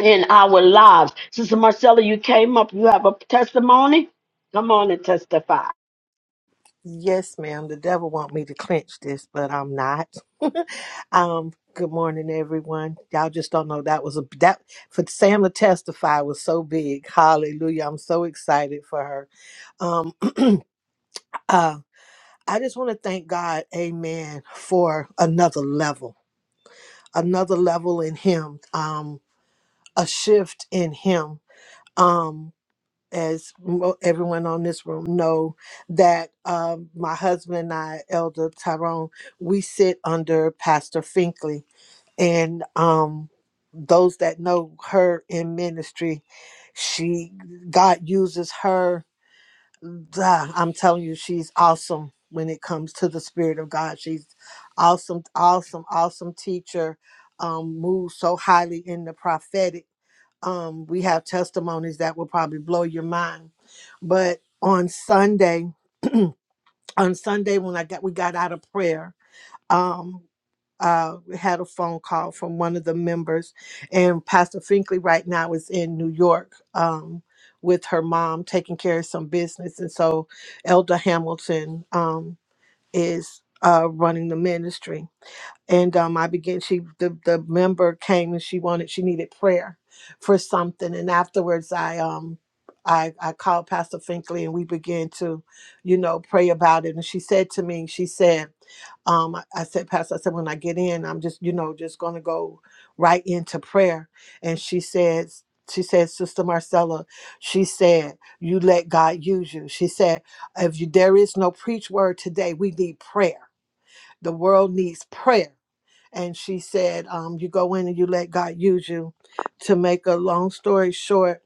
Speaker 2: in our lives. Sister Marcella, you came up. You have a testimony? Come on and testify.
Speaker 6: Yes, ma'am. The devil want me to clinch this, but I'm not. um, good morning, everyone. Y'all just don't know that was a that for Sam to testify was so big. Hallelujah. I'm so excited for her. Um uh I just want to thank God, amen, for another level. Another level in him. Um a shift in him. Um. as mo- everyone on this room know that um, my husband and I, Elder Tyrone, we sit under Pastor Finkley, and um, those that know her in ministry, she God uses her. Ah, I'm telling you, she's awesome when it comes to the Spirit of God. She's awesome, awesome, awesome teacher. Um, moves so highly in the prophetic um, we have testimonies that will probably blow your mind. But on Sunday, on Sunday when I got we got out of prayer, um, uh, we had a phone call from one of the members, and Pastor Finkley right now is in New York um, with her mom taking care of some business, and so Elder Hamilton um, is uh, running the ministry and um, I began. She the the member came and she wanted she needed prayer for something, and afterwards I um I I called Pastor Finkley and we began to, you know, pray about it. And she said to me, she said, um, I, I said, Pastor, I said when I get in, I'm just you know just gonna go right into prayer. And she says. She said, Sister Marcella, she said, you let God use you. She said, if you, there is no preach word today, we need prayer. The world needs prayer and she said, um, "You go in and you let God use you." To make a long story short,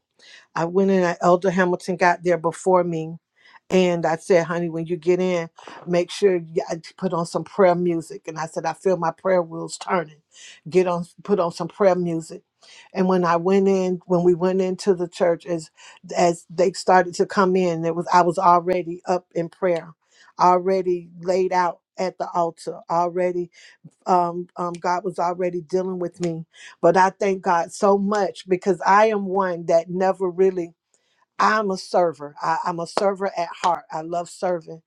Speaker 6: I went in. and Elder Hamilton got there before me, and I said, "Honey, when you get in, make sure you I put on some prayer music." And I said, "I feel my prayer wheels turning. Get on, put on some prayer music." And when I went in, when we went into the church, as as they started to come in, it was I was already up in prayer, already laid out at the altar, already um, um, God was already dealing with me. But I thank God so much because I am one that never really, I'm a server. I, I'm a server at heart. I love serving.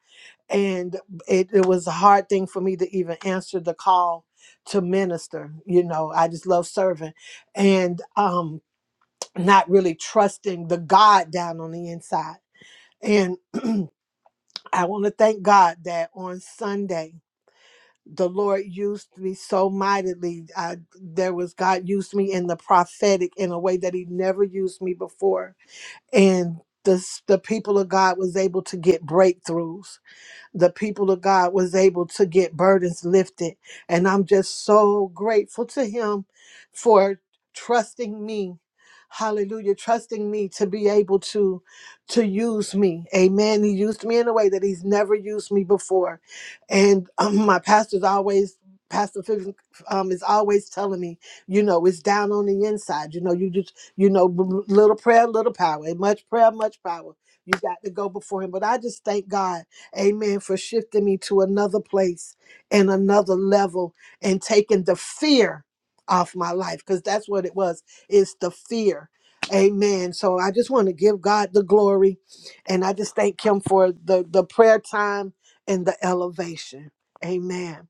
Speaker 6: And it, it was a hard thing for me to even answer the call to minister. You know, I just love serving and um, not really trusting the God down on the inside. And I want to thank God that on Sunday, the Lord used me so mightily. I, there was God used me in the prophetic in a way that He never used me before, and the s- the people of God was able to get breakthroughs the people of God was able to get burdens lifted. And I'm just so grateful to him for trusting me. Hallelujah, trusting me to be able to to use me. Amen. He used me in a way that he's never used me before. And um, my pastor's always Pastor Fiv- um, is always telling me, you know, it's down on the inside. You know, you just, you know, b- b- little prayer, little power, much prayer, much power. You got to go before him. But I just thank God Amen. For shifting me to another place and another level and taking the fear off my life because that's what it was. It's the fear. Amen. So I just want to give God the glory and I just thank Him for the, the prayer time and the elevation. Amen.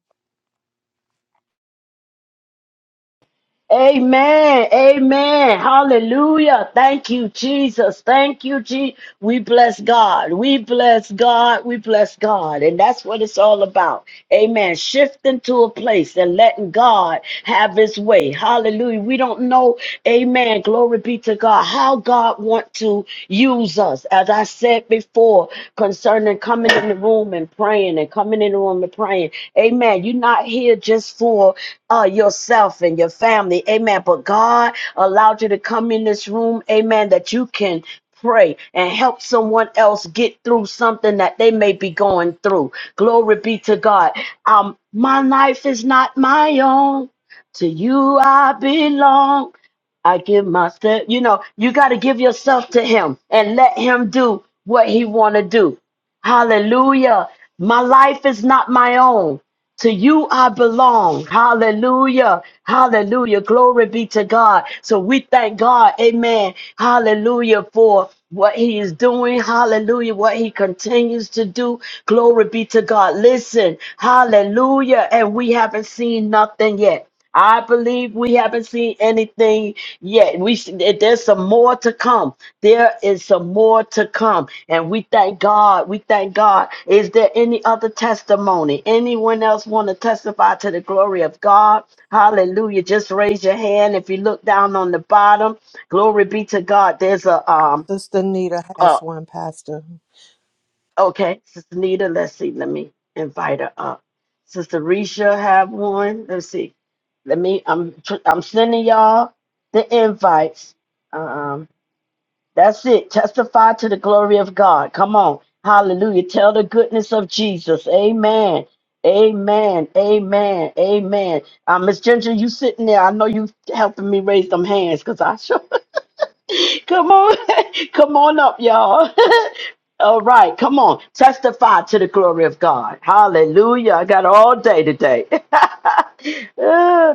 Speaker 2: Amen. Amen. Hallelujah. Thank you, Jesus. Thank you, Jesus. We bless God. We bless God. We bless God. And that's what it's all about. Amen. Shifting to a place and letting God have his way. Hallelujah. We don't know, amen. Glory be to God. How God want to use us. As I said before, before concerning coming in the room and praying and coming in the room and praying. Amen. You're not here just for uh, yourself and your family. Amen. But God allowed you to come in this room. Amen. That you can pray and help someone else get through something that they may be going through. Glory be to God. Um, my life is not my own. To you I belong. I give myself, you know, you got to give yourself to him and let him do what he want to do. Hallelujah. My life is not my own. To you I belong. Hallelujah. Hallelujah. Glory be to God. So we thank God. Amen. Hallelujah for what he is doing. Hallelujah. What he continues to do. Glory be to God. Listen. Hallelujah. And we haven't seen nothing yet. I believe we haven't seen anything yet. We s- there- there's some more to come. There is some more to come, and we thank God. We thank God. Is there any other testimony? Anyone else want to testify to the glory of God? Hallelujah! Just raise your hand. If you look down on the bottom, glory be to God. There's a um.
Speaker 6: Sister Nita has one, Pastor.
Speaker 2: Okay, Sister Nita, let's see. Let me invite her up. Sister Risha have one. Let's see. Let me. I'm tr- I'm sending y'all the invites. Um, that's it. Testify to the glory of God. Come on, Hallelujah. Tell the goodness of Jesus. Amen. Amen. Amen. Amen. Uh, Miss Ginger, you sitting there? I know you helping me raise them hands because I sure. Come on, come on up, y'all. all right, come on, testify to the glory of God. Hallelujah! I got all day today. Uh,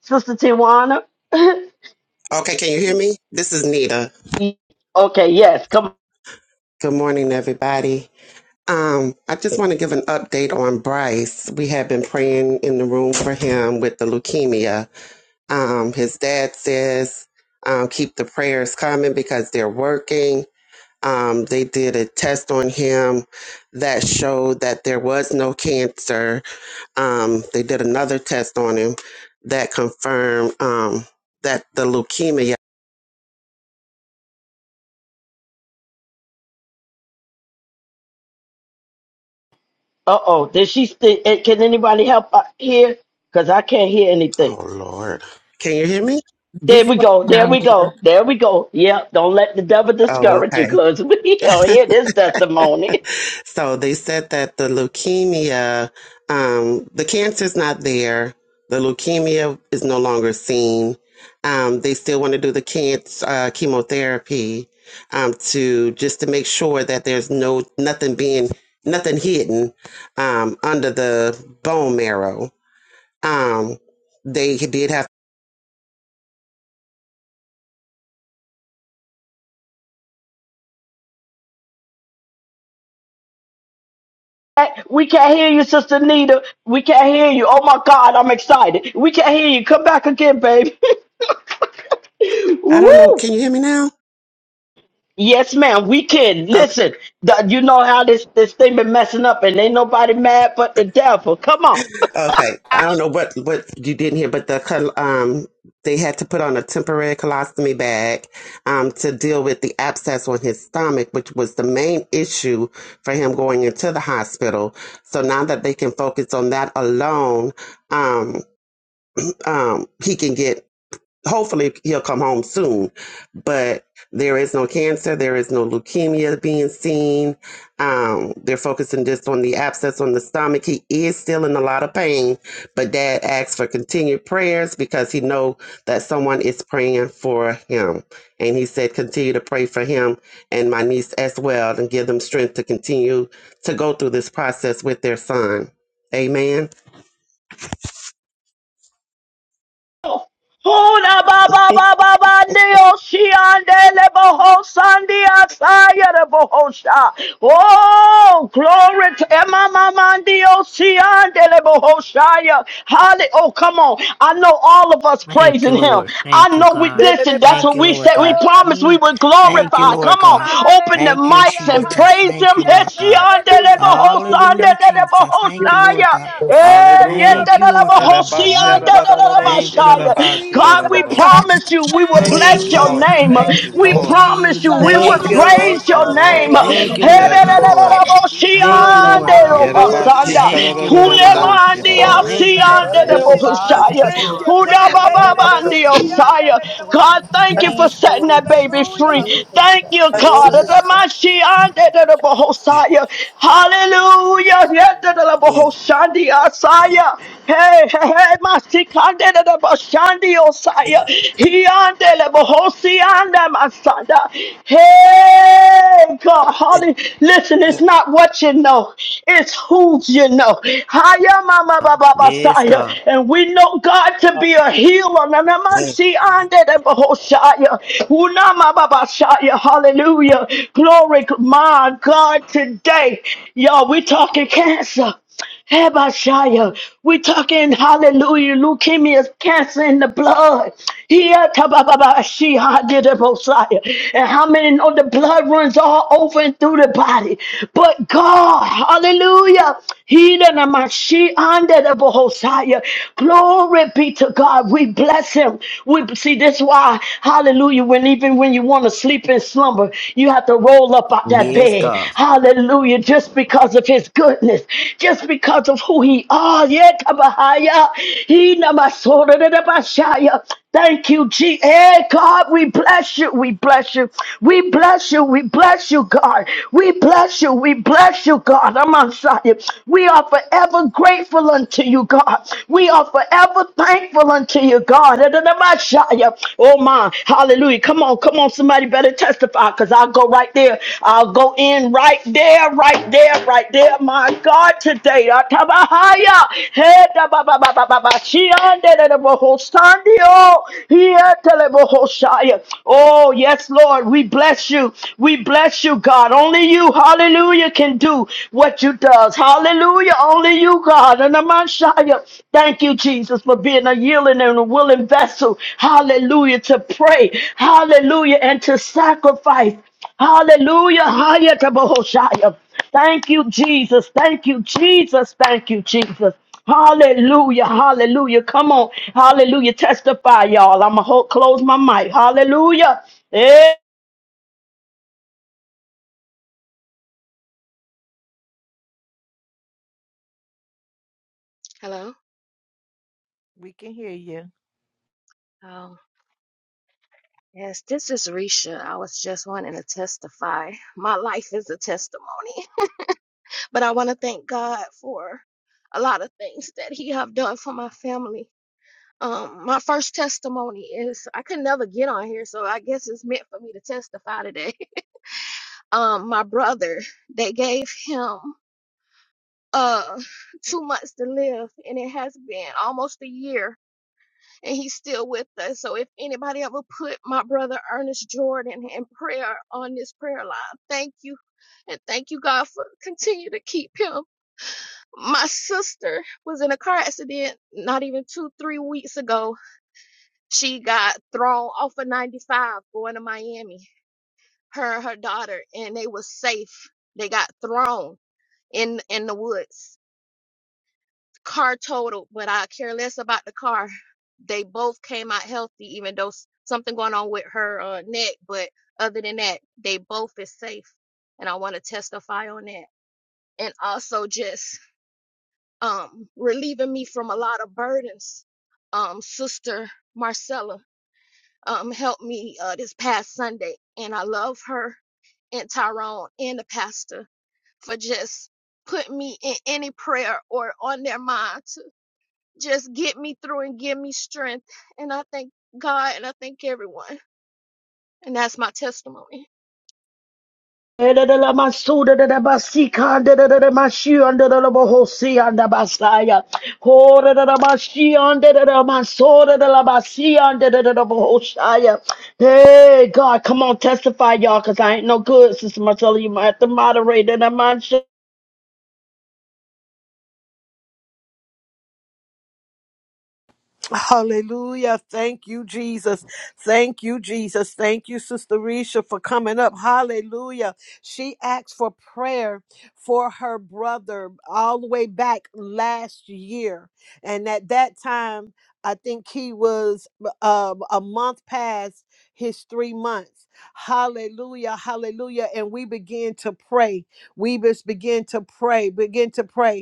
Speaker 2: Sister Tiwana.
Speaker 7: Okay, can you hear me? This is Nita.
Speaker 2: okay, yes. Come. on.
Speaker 7: Good morning, everybody. Um, I just want to give an update on Bryce. We have been praying in the room for him with the leukemia. Um, his dad says, um, keep the prayers coming because they're working. Um, they did a test on him that showed that there was no cancer. Um, they did another test on him that confirmed um, that the leukemia.
Speaker 2: Uh oh. Did she? St- eh, can anybody help uh, here? Cause I can't hear anything.
Speaker 7: Oh, Lord. Can you hear me?
Speaker 2: There
Speaker 6: It's
Speaker 2: we
Speaker 6: fine
Speaker 2: go. There
Speaker 6: now,
Speaker 2: we
Speaker 6: Nita.
Speaker 2: go. There we go. Yep. Don't let the devil
Speaker 7: Oh,
Speaker 2: discourage you,
Speaker 7: okay.
Speaker 2: cause we don't hear this testimony.
Speaker 7: so they said that the leukemia, um, the cancer's not there. The leukemia is no longer seen. Um, they still want to do the cancer uh, chemotherapy um, to just to make sure that there's no nothing being nothing hidden um, under the bone marrow. Um, they did have.
Speaker 2: We can't hear you, Sister Nita. We can't hear you. Oh my God, I'm excited. We can't hear you. Come back again, baby.
Speaker 7: I don't know.
Speaker 2: Woo!
Speaker 7: Can you hear me now?
Speaker 2: Yes, ma'am. We can listen. the- you know how this this thing been messing up, and ain't nobody mad but the devil. Come on.
Speaker 7: Okay, I don't know what what you didn't hear, but the col- um they had to put on a temporary colostomy bag um to deal with the abscess on his stomach, which was the main issue for him going into the hospital. So now that they can focus on that alone, um um he can get hopefully he'll come home soon. But there is no cancer, there is no leukemia being seen. Um, they're focusing just on the abscess on the stomach. He is still in a lot of pain, but Dad asks for continued prayers because he know that someone is praying for him, and he said continue to pray for him and my niece as well, and give them strength to continue to go through this process with their son. Amen.
Speaker 2: Hola ba ba ba ba she andele boho sandi asaya de boho Oh, glory to Emma mama neo she andele boho shaya. Holly, oh come on! I know all of us
Speaker 8: Thank
Speaker 2: praising
Speaker 8: you,
Speaker 2: Him.
Speaker 8: Lord. Thank
Speaker 2: I
Speaker 8: you,
Speaker 2: know we
Speaker 8: God.
Speaker 6: Hallelujah,
Speaker 2: listen. That's
Speaker 8: Thank
Speaker 2: what
Speaker 8: you,
Speaker 2: we
Speaker 8: Lord
Speaker 2: said. We
Speaker 8: God.
Speaker 2: promised we
Speaker 8: Mm.
Speaker 2: would
Speaker 8: Thank you,
Speaker 2: glorify.
Speaker 8: Lord
Speaker 2: Come on,
Speaker 8: God.
Speaker 2: open the
Speaker 8: Thank you,
Speaker 2: mics and
Speaker 9: Hallelujah.
Speaker 8: Jesus.
Speaker 2: praise
Speaker 8: Thank
Speaker 2: Him.
Speaker 8: you,
Speaker 6: hallelujah,
Speaker 8: Lord
Speaker 2: Yes, she
Speaker 6: God.
Speaker 8: God.
Speaker 2: andele boho sandi
Speaker 8: Hallelujah,
Speaker 2: de de
Speaker 8: Jesus.
Speaker 2: boho
Speaker 8: Thank
Speaker 9: You
Speaker 8: you, Lord God.
Speaker 9: are
Speaker 2: shaya.
Speaker 9: so
Speaker 2: Eh,
Speaker 1: Hallelujah.
Speaker 8: Thank
Speaker 6: Glory,
Speaker 8: you, Lord God.
Speaker 6: glory,
Speaker 8: Mm.
Speaker 6: glory, God. Thank
Speaker 8: Thank you,
Speaker 6: you,
Speaker 2: yetadalabahosiandadalabashaya.
Speaker 8: Lord God.
Speaker 2: God,
Speaker 6: Jesus.
Speaker 2: we
Speaker 1: Yadabashadadadadadoshe.
Speaker 2: promise you we will
Speaker 6: Thank
Speaker 1: Thank you,
Speaker 6: you,
Speaker 8: Thank
Speaker 2: bless
Speaker 8: you,
Speaker 2: your
Speaker 6: thank
Speaker 8: Lord
Speaker 1: Lord.
Speaker 6: you,
Speaker 2: name.
Speaker 8: God.
Speaker 1: Thank
Speaker 6: thank
Speaker 1: you,
Speaker 6: you,
Speaker 2: We
Speaker 10: Thank you,
Speaker 1: Lord.
Speaker 2: promise you
Speaker 5: Thank Thank Thank Thank Thank
Speaker 6: Jesus.
Speaker 2: we
Speaker 5: you, you,
Speaker 8: Hallelujah,
Speaker 6: Oh,
Speaker 2: will
Speaker 11: Thank
Speaker 6: na no,
Speaker 11: you,
Speaker 5: you,
Speaker 6: mama,
Speaker 8: Jesus.
Speaker 5: you,
Speaker 11: Lord
Speaker 5: you,
Speaker 2: praise
Speaker 1: Thank
Speaker 6: mama,
Speaker 1: you,
Speaker 2: your
Speaker 11: God.
Speaker 5: Jesus.
Speaker 1: Lord.
Speaker 2: name.
Speaker 8: Thank you,
Speaker 5: Jesus.
Speaker 8: Lord
Speaker 5: Jesus.
Speaker 1: Yes,
Speaker 8: God.
Speaker 11: Hallelujah.
Speaker 5: Jesus.
Speaker 10: glory.
Speaker 1: Lord.
Speaker 6: mama,
Speaker 5: Thank you, Jesus.
Speaker 11: Glory
Speaker 8: Thank you,
Speaker 11: to
Speaker 8: Lord God.
Speaker 11: God.
Speaker 10: Hallelujah. Thank
Speaker 6: Hallelujah,
Speaker 11: Glory to
Speaker 1: Yerabashi
Speaker 2: Hedadadadadaboshiandelobasanda.
Speaker 11: God.
Speaker 8: Thank you, Lord
Speaker 6: hallelujah.
Speaker 1: Kararororo
Speaker 11: Lord,
Speaker 8: God.
Speaker 10: God be
Speaker 11: you
Speaker 10: the
Speaker 11: are
Speaker 10: glory.
Speaker 1: Shidabash.
Speaker 11: worthy,
Speaker 8: Thank you,
Speaker 6: Thank
Speaker 11: God.
Speaker 8: God.
Speaker 6: you,
Speaker 10: To God
Speaker 6: Jesus.
Speaker 10: be the
Speaker 2: Hulemandiasiandedebohoshaya.
Speaker 6: Thank
Speaker 10: glory.
Speaker 6: you, God. Yeah, le le le
Speaker 9: good.
Speaker 6: bonsiande
Speaker 2: Hudabababandiosaya.
Speaker 6: le le le
Speaker 2: God, thank
Speaker 6: bonsaya.
Speaker 2: you for
Speaker 11: Thank you,
Speaker 2: setting
Speaker 11: Lord.
Speaker 2: that baby free.
Speaker 6: Hello.
Speaker 11: Glory to
Speaker 2: Thank
Speaker 11: God.
Speaker 2: you,
Speaker 11: Glory
Speaker 2: God.
Speaker 11: to God.
Speaker 2: Adamashiandedebohosaya. Asaya. Hallelujah. Yedelebohoshandi asaya. Hey, hey, hey, masikande de la boshandi osaya. Hiande lebohosi anda masada. Hey, God, holly. Listen, it's not what you know, it's who you know. Hiya, mama, baba,
Speaker 8: Yes,
Speaker 2: basaya.
Speaker 8: God.
Speaker 2: And we know God to
Speaker 12: Uh,
Speaker 2: be a healer. Nanamansi ande de bohoshaya hallelujah. Glory, my God, today, y'all, we're talking cancer. Hebashaya. We're talking hallelujah, leukemia, cancer in the blood. Here, tabababashia, did it, Messiah. And how many know the blood runs all over and through the body? But God, hallelujah, he done a mashi under the Messiah. Glory be to God. We we bless him. We see this why, hallelujah, when even when you want to sleep in slumber, you have to roll up out that
Speaker 8: Yes,
Speaker 2: bed.
Speaker 8: God.
Speaker 2: Hallelujah, just because of his goodness, just because of who he are. Yeah, Tabahaya. He namasoda da da bashaya. Thank you, G. Hey, God, we bless you. We bless you. We bless you. We bless you, God. We bless you. We bless you, God. I'm on side. We are forever grateful unto you, God. We are forever thankful unto you, God. Oh my, hallelujah. Come on, come on, somebody better testify because I'll go right there. I'll go in right there, right there, right there. My God, today. Atabahaya. Hey, da ba ba ba ba ba ba. Shiande de de bo Here tele shaya. Oh, yes, Lord. We bless you. We bless you, God. Only you hallelujah, can do what you does. Hallelujah, only you, God. And I'm on Shia. Thank you, Jesus, for being a yielding and a willing vessel. Hallelujah, to pray. Hallelujah, and to sacrifice. Hallelujah, higher to Bohoshaya. Thank you, Jesus. Thank you, Jesus. Thank you, Jesus. Hallelujah, hallelujah. Come on, hallelujah. Testify, y'all. I'm going to close my mic. Hallelujah. Eh.
Speaker 13: Hello.
Speaker 6: We can hear you.
Speaker 13: Oh, yes, this is Risha. I was just wanting to testify. My life is a testimony, but I want to thank God for a lot of things that He have done for my family. Um, my first testimony is I could never get on here, so I guess it's meant for me to testify today. Um, my brother, they gave him uh two months to live, and it has been almost a year and he's still with us. So if anybody ever put my brother Ernest Jordan in prayer on this prayer line, thank you. And thank you, God, for continue to keep him. My sister was in a car accident not even two, three weeks ago. She got thrown off of 95 going to Miami, her and her daughter, and they were safe. They got thrown in in the woods car totaled, but I care less about the car. They both came out healthy, even though something going on with her uh, neck. But other than that, they both is safe, and I want to testify on that. And also just um relieving me from a lot of burdens. Um, Sister Marcella um helped me uh, this past Sunday, and I love her and Tyrone and the pastor for just putting me in any prayer or on their mind just get me through and give me strength. And I thank God and I thank everyone. And that's my testimony.
Speaker 2: Under under the bohosi under basaya. Hore de la mashi under the the the Basaya. Hey, God, come on, testify, y'all, because I ain't no good, Sister Marcella. You might have to moderate that. I'm
Speaker 6: Hallelujah. Thank you, Jesus. Thank you, Jesus. Thank you, Sister Risha, for coming up. Hallelujah. She asked for prayer for her brother all the way back last year. And at that time, I think he was uh, a month past his three months. Hallelujah. Hallelujah. And we began to pray. We just began to pray, begin to pray.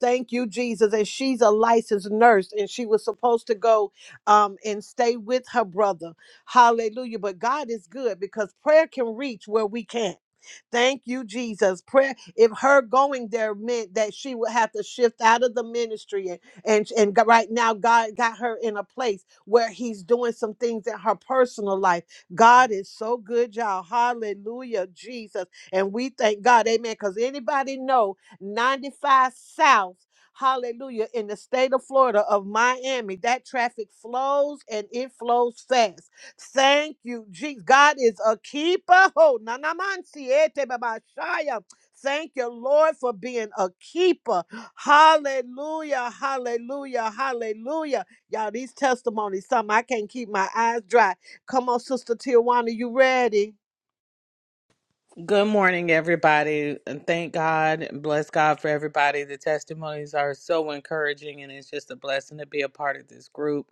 Speaker 6: Thank you, Jesus. And she's a licensed nurse, and she was supposed to go um, and stay with her brother. Hallelujah. But God is good because prayer can reach where we can't. Thank you, Jesus. Prayer, if her going there meant that she would have to shift out of the ministry, and, and, and g- right now, God got her in a place where He's doing some things in her personal life. God is so good, y'all. Hallelujah, Jesus. And we thank God, amen. Because anybody know 95 South. Hallelujah. In the state of Florida, of Miami, that traffic flows and it flows fast. Thank you, Jesus. God is a keeper. Oh, nanamansi ete babashaya. Thank you, Lord, for being a keeper. Hallelujah, hallelujah, hallelujah. Y'all, these testimonies, something I can't keep my eyes dry. Come on, Sister Tijuana, you ready?
Speaker 10: Good morning, everybody. and Thank God. and Bless God for everybody. The testimonies are so encouraging, and it's just a blessing to be a part of this group.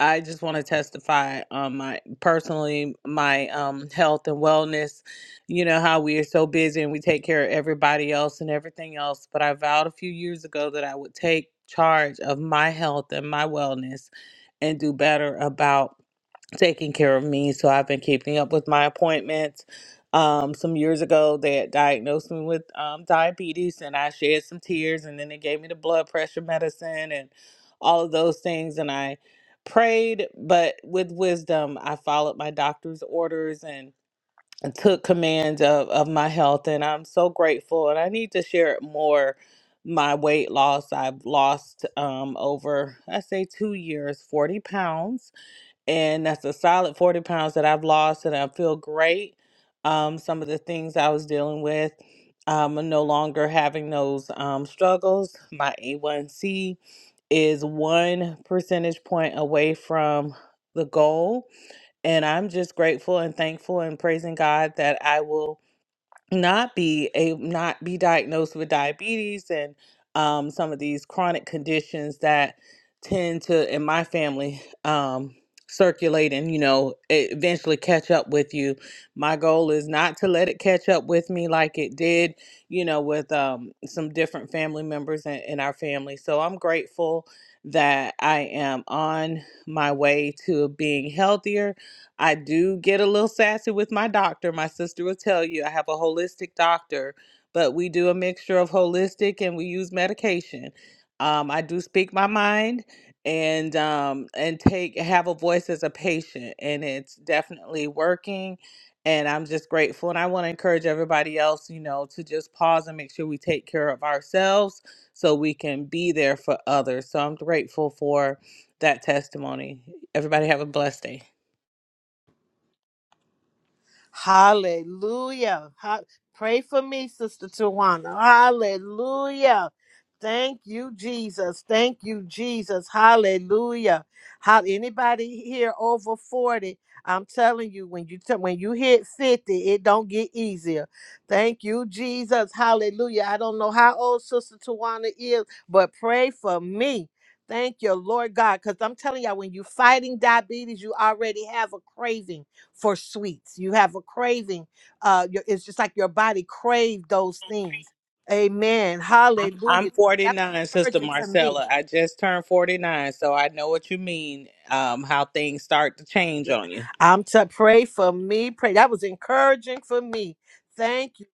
Speaker 10: I just want to testify on my personally my um, health and wellness. You know how we are so busy and we take care of everybody else and everything else. But I vowed a few years ago that I would take charge of my health and my wellness and do better about taking care of me. So I've been keeping up with my appointments. Um, some years ago, they had diagnosed me with um, diabetes, and I shed some tears, and then they gave me the blood pressure medicine and all of those things. And I prayed, but with wisdom, I followed my doctor's orders took command of, of my health and I'm so grateful and I need to share it more my weight loss I've lost um over I say 2 years 40 pounds and that's a solid 40 pounds that I've lost and I feel great um some of the things I was dealing with um I'm no longer having those um struggles my A1C is 1 percentage point away from the goal and I'm just grateful and thankful and praising God that I will not be a not be diagnosed with diabetes and um, some of these chronic conditions that tend to in my family um, circulate and you know e- eventually catch up with you. My goal is not to let it catch up with me like it did, you know, with um, some different family members in, in our family. So I'm grateful that I am on my way to being healthier I do get a little sassy with my doctor. My sister will tell you I have a holistic doctor, but we do a mixture of holistic and we use medication. Um, I do speak my mind and um, and take have a voice as a patient, and it's definitely working. And I'm just grateful, and I want to encourage everybody else, you know, to just pause and make sure we take care of ourselves so we can be there for others. So I'm grateful for that testimony. Everybody have a blessed day.
Speaker 6: Hallelujah. Ha- Pray for me, Sister Tawana. Hallelujah. Thank you, Jesus. Thank you, Jesus. Hallelujah. How anybody here over 40? I'm telling you, when you t- when you hit 50, it don't get easier. Thank you, Jesus. Hallelujah. I don't know how old Sister Tawana is, but pray for me. Thank you, Lord God. Because I'm telling y'all, when you're fighting diabetes, you already have a craving for sweets. You have a craving. Uh, your- it's just like your body craved those things. Amen.
Speaker 10: I'm
Speaker 6: Hallelujah.
Speaker 10: I'm
Speaker 6: That
Speaker 10: 49,
Speaker 6: was
Speaker 10: Sister
Speaker 6: encouraging to me.
Speaker 10: Marcella. I just turned 49, so I know what you mean. Um, how things start to change
Speaker 6: Yeah.
Speaker 10: on you.
Speaker 6: I'm to pray for me. Pray. That was encouraging for me. Thank you.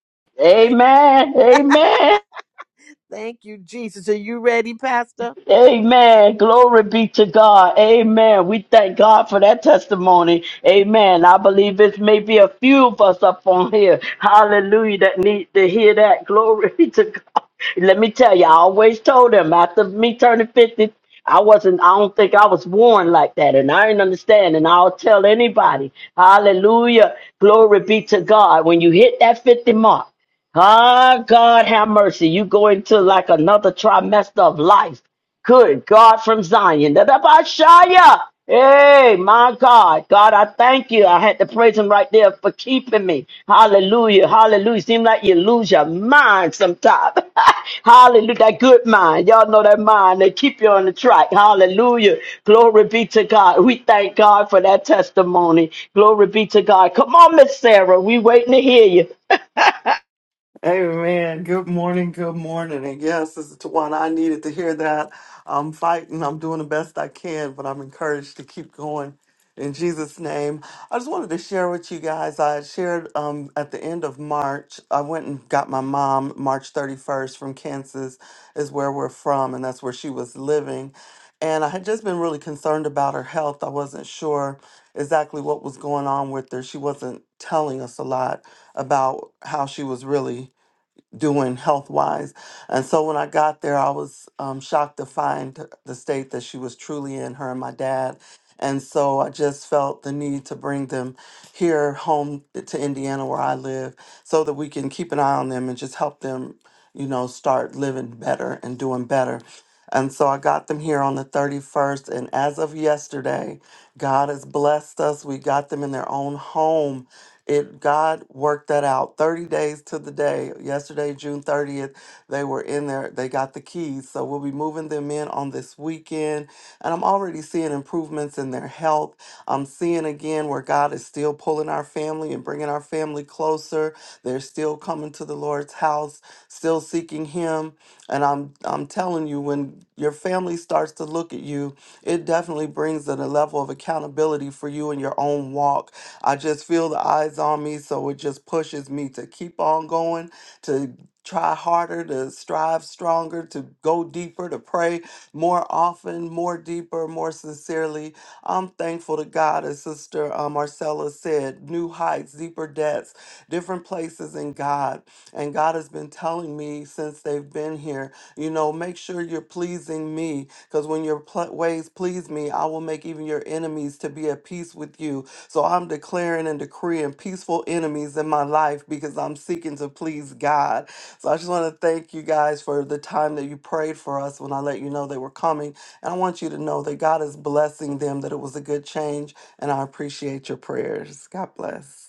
Speaker 6: Thank you.
Speaker 2: Amen. Amen.
Speaker 6: Thank you, Jesus. Are you ready, Pastor?
Speaker 2: Amen. Glory be to God. Amen. We thank God for that testimony. Amen. I believe it's maybe a few of us up on here. Hallelujah. That need to hear that. Glory be to God. Let me tell you, I always told them after me turning 50, I wasn't, I don't think I was born like that. And I didn't understand. And I'll tell anybody, hallelujah. Glory be to God. When you hit that 50 mark, ah, God have mercy. You go into like another trimester of life. Good God from Zion. Da-da-ba-shaya. Hey, my God. God, I thank you. I had to praise him right there for keeping me. Hallelujah. Hallelujah. Seems like you lose your mind sometimes. Hallelujah. That good mind. Y'all know that mind. They keep you on the track. Hallelujah. Glory be to God. We thank God for that testimony. Glory be to God. Come on, Miss Sarah. We waiting to hear you.
Speaker 9: Amen. Good morning. Good morning. And yes, this is Tawana. I needed to hear that. I'm fighting. I'm doing the best I can, but I'm encouraged to keep going in Jesus' name. I just wanted to share with you guys. I had shared um, at the end of March, I went and got my mom March 31st from Kansas, is where we're from, and that's where she was living. And I had just been really concerned about her health. I wasn't sure exactly what was going on with her. She wasn't telling us a lot about how she was really doing health wise. And so when I got there, I was um, shocked to find the state that she was truly in, her and my dad. And so I just felt the need to bring them here home to Indiana where I live so that we can keep an eye on them and just help them, you know, start living better and doing better. And so I got them here on the 31st. And as of yesterday, God has blessed us. We got them in their own home it God worked that out. 30 days to the day. Yesterday, June 30th, they were in there. They got the keys. So we'll be moving them in on this weekend. And I'm already seeing improvements in their health. I'm seeing again where God is still pulling our family and bringing our family closer. They're still coming to the Lord's house, still seeking him. And I'm I'm telling you when your family starts to look at you, it definitely brings in a level of accountability for you in your own walk I just feel the eyes on me, so it just pushes me to keep on going, to try harder, to strive stronger, to go deeper, to pray more often, more deeper, more sincerely. I'm thankful to God, as Sister uh, Marcella said, new heights, deeper depths, different places in God. And God has been telling me since they've been here, you know, make sure you're pleasing me, because when your pl- ways please me, I will make even your enemies to be at peace with you. So I'm declaring and decreeing peaceful enemies in my life because I'm seeking to please God. So I just want to thank you guys for the time that you prayed for us when I let you know they were coming. And I want you to know that God is blessing them, that it was a good change. And I appreciate your prayers. God bless.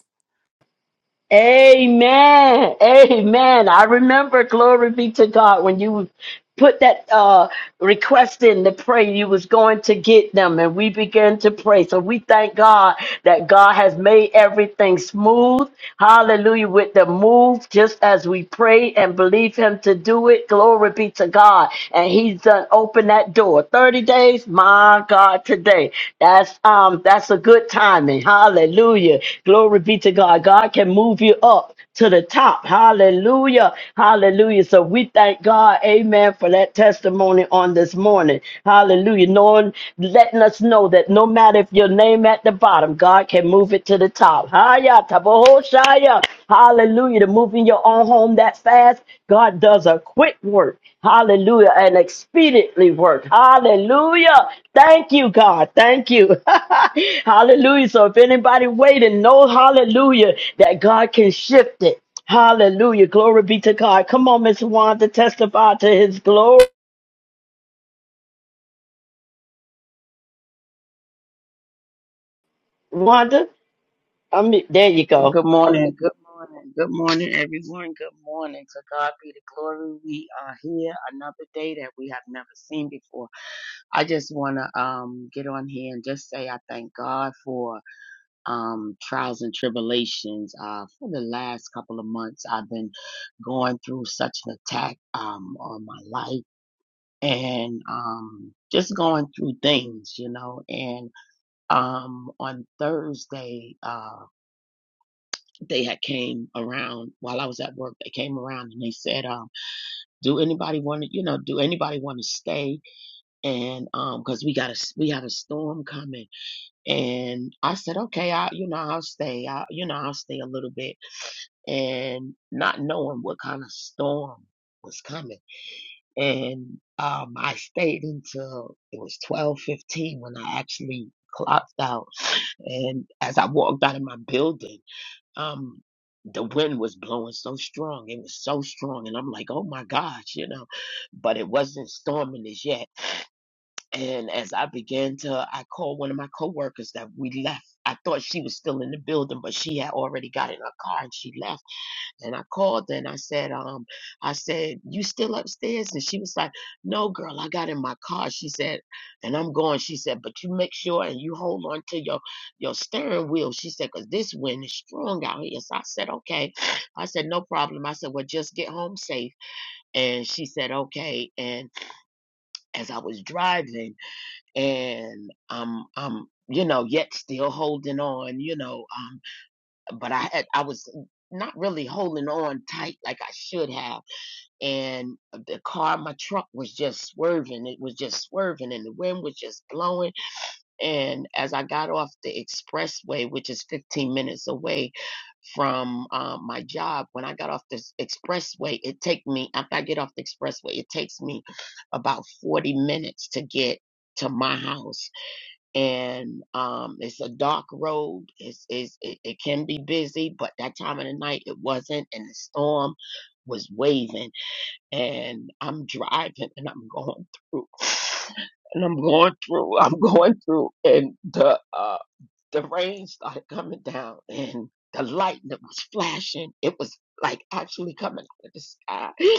Speaker 2: Amen. Amen. I remember, glory be to God, when you put that uh request in to pray, you was going to get them and we began to pray. So we thank God that God has made everything smooth. Hallelujah. With the move, just as we pray and believe him to do it. Glory be to God. And he's done opened open that door. 30 days, my God, today. That's um that's a good timing. Hallelujah. Glory be to God. God can move you up to the top. Hallelujah. Hallelujah. So we thank God, amen, for that testimony on this morning. Hallelujah. Knowing letting us know that no matter if your name at the bottom, God can move it to the top. Hiya, tabohoshaya. Hallelujah. To moving your own home that fast, God does a quick work. Hallelujah. And expediently work. Hallelujah. Thank you, God. Thank you. hallelujah. So if anybody waiting, know hallelujah that God can shift it. Hallelujah. Glory be to God. Come on, Miss Wanda, testify to his glory. Wanda, I mean, there you go.
Speaker 12: Good morning, good morning, good morning, everyone. Good morning. To God be the glory. We are here another day that we have never seen before. I just want to um get on here and just say I thank God for um trials and tribulations. Uh, for the last couple of months, I've been going through such an attack um on my life and um just going through things, you know. And um on Thursday. uh, they had came around while I was at work. They came around and they said, um, "Do anybody want to, you know, do anybody want to stay?" And um, because we got a, we have a storm coming, and I said, "Okay, I, you know, I'll stay. I, you know, I'll stay a little bit." And not knowing what kind of storm was coming, and um, I stayed until it was twelve fifteen when I actually clocked out. And as I walked out of my building um the wind was blowing so strong it was so strong and i'm like oh my gosh you know but it wasn't storming as yet and as i began to i called one of my coworkers that we left i thought she was still in the building but she had already got in her car and she left and I called her and I said, um, I said, you still upstairs? And she was like, no, girl, I got in my car. She said, and I'm going. She said, but you make sure and you hold on to your, your steering wheel. She said, because this wind is strong out here. So I said, okay. I said, no problem. I said, well, just get home safe. And she said, okay. And as I was driving and I'm, I'm, you know, yet still holding on, you know, um but I had I was not really holding on tight like I should have. And the car, my truck was just swerving. It was just swerving and the wind was just blowing. And as I got off the expressway, which is 15 minutes away from um, my job, when I got off the expressway, it take me, after I get off the expressway, it takes me about 40 minutes to get to my house and um, it's a dark road. It's, it's it, it can be busy, but that time of the night it wasn't, and the storm was waving. And I'm driving, and I'm going through, and I'm going through, I'm going through, and the uh, the rain started coming down, and the lightning was flashing, it was like actually coming out of the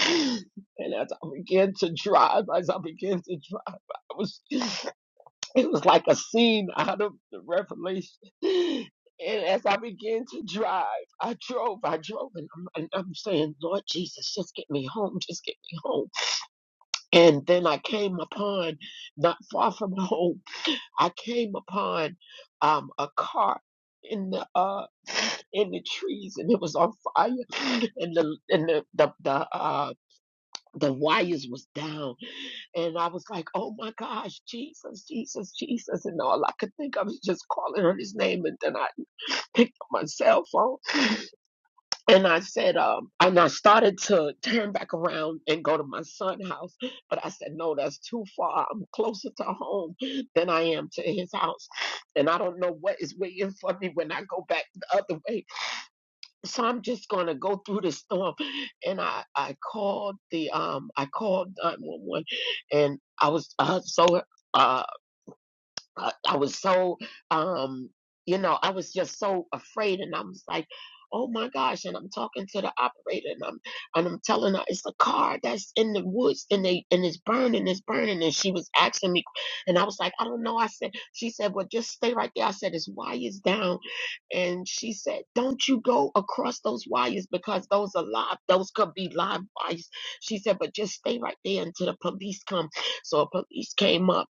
Speaker 12: sky. And as I began to drive, as I began to drive, I was. It was like a scene out of the Revelation. And as I began to drive, I drove, I drove, and I'm, and I'm saying, Lord Jesus, just get me home, just get me home. And then I came upon, not far from home, I came upon um, a car in the uh in the trees and it was on fire and the and the the, the uh the wires was down and I was like, oh my gosh, Jesus, Jesus, Jesus. And all I could think of is just calling her his name. And then I picked up my cell phone and I said, um, and I started to turn back around and go to my son's house. But I said, no, that's too far. I'm closer to home than I am to his house. And I don't know what is waiting for me when I go back the other way so I'm just gonna go through the storm. And I, I called the um I called 911 and I was uh, so uh I, I was so um you know i was just so afraid and i was like oh my gosh and i'm talking to the operator and i'm and i'm telling her it's a car that's in the woods and they and it's burning it's burning and she was asking me and i was like i don't know i said she said well just stay right there i said it's wires down and she said don't you go across those wires because those are live those could be live wires she said but just stay right there until the police come so a police came up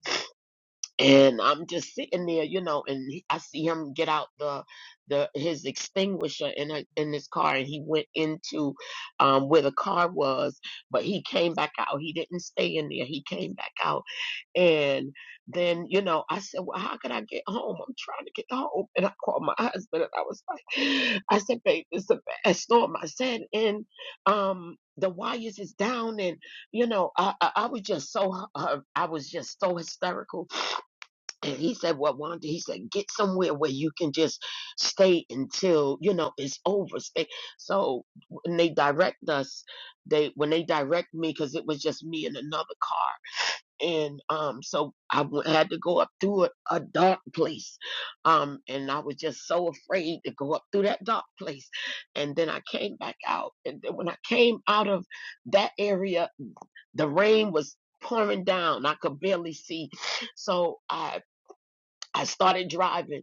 Speaker 12: and I'm just sitting there, you know, and he, I see him get out the the his extinguisher in a, in his car, and he went into um, where the car was, but he came back out. He didn't stay in there. He came back out, and then you know, I said, "Well, how can I get home? I'm trying to get home." And I called my husband, and I was like, "I said, babe, it's a bad storm." I said, and um. The wires is down, and you know, I, I I was just so hy- hy- I was just so hysterical and he said, Well, Wanda, he said, get somewhere where you can just stay until, you know, it's over. Stay. So when they direct us, they when they direct me, because it was just me and another car. And um, so I w- had to go up through a, a dark place. Um, and I was just so afraid to go up through that dark place. And then I came back out. And then when I came out of that area, the rain was pouring down. I could barely see. So I I started driving,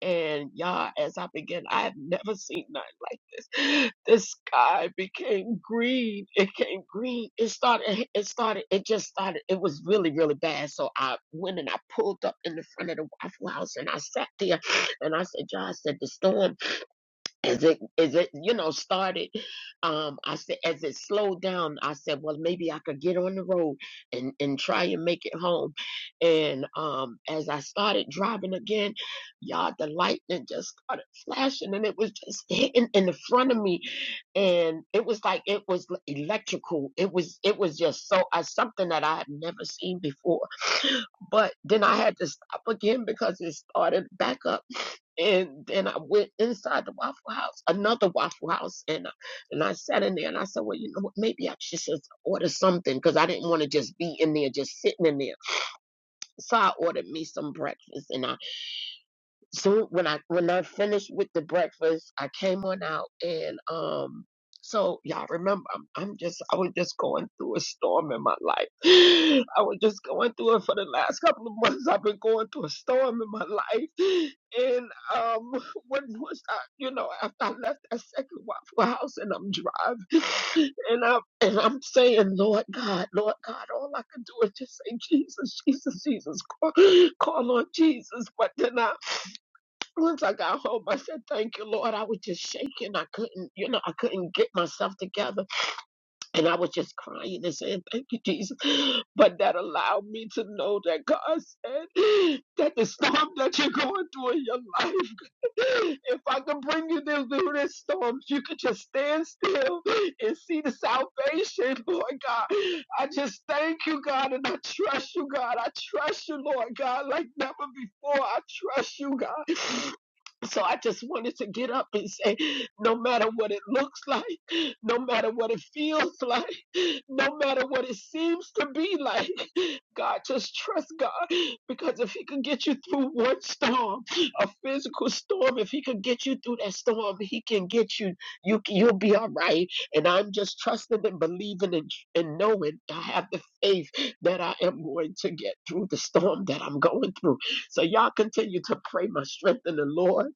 Speaker 12: and y'all, as I began, I have never seen nothing like this. The sky became green. It came green. It started. It started. It just started. It was really, really bad. So I went and I pulled up in the front of the Waffle House, and I sat there, and I said, "Y'all," I said, "The storm." as it as it you know started um i said as it slowed down i said well maybe i could get on the road and and try and make it home and um as i started driving again y'all the lightning just started flashing and it was just hitting in the front of me and it was like it was l- electrical it was it was just so uh, something that i had never seen before but then i had to stop again because it started back up and then I went inside the Waffle House, another Waffle House, and I, and I sat in there and I said, well, you know what? Maybe I should just order something because I didn't want to just be in there just sitting in there. So I ordered me some breakfast, and I so when I when I finished with the breakfast, I came on out and um so y'all remember I'm I'm just I was just going through a storm in my life. I was just going through it for the last couple of months. I've been going through a storm in my life. And um when was I you know, after I left that second waffle house and I'm driving and I'm and I'm saying, Lord God, Lord God, all I can do is just say Jesus, Jesus, Jesus, call, call on Jesus. But then I once I got home, I said, Thank you, Lord. I was just shaking. I couldn't, you know, I couldn't get myself together. And I was just crying and saying, Thank you, Jesus. But that allowed me to know that God said that the storm that you're going through in your life, if I could bring you this- through this storm, you could just stand still and see the salvation, Lord God. I just thank you, God, and I trust you, God. I trust you, Lord God, like never before. I trust you, God. So I just wanted to get up and say, no matter what it looks like, no matter what it feels like, no matter what it seems to be like, God, just trust God. Because if He could get you through one storm, a physical storm, if He could get you through that storm, He can get you. You you'll be all right. And I'm just trusting and believing and, and knowing I have the faith that I am going to get through the storm that I'm going through. So y'all continue to pray my strength in the Lord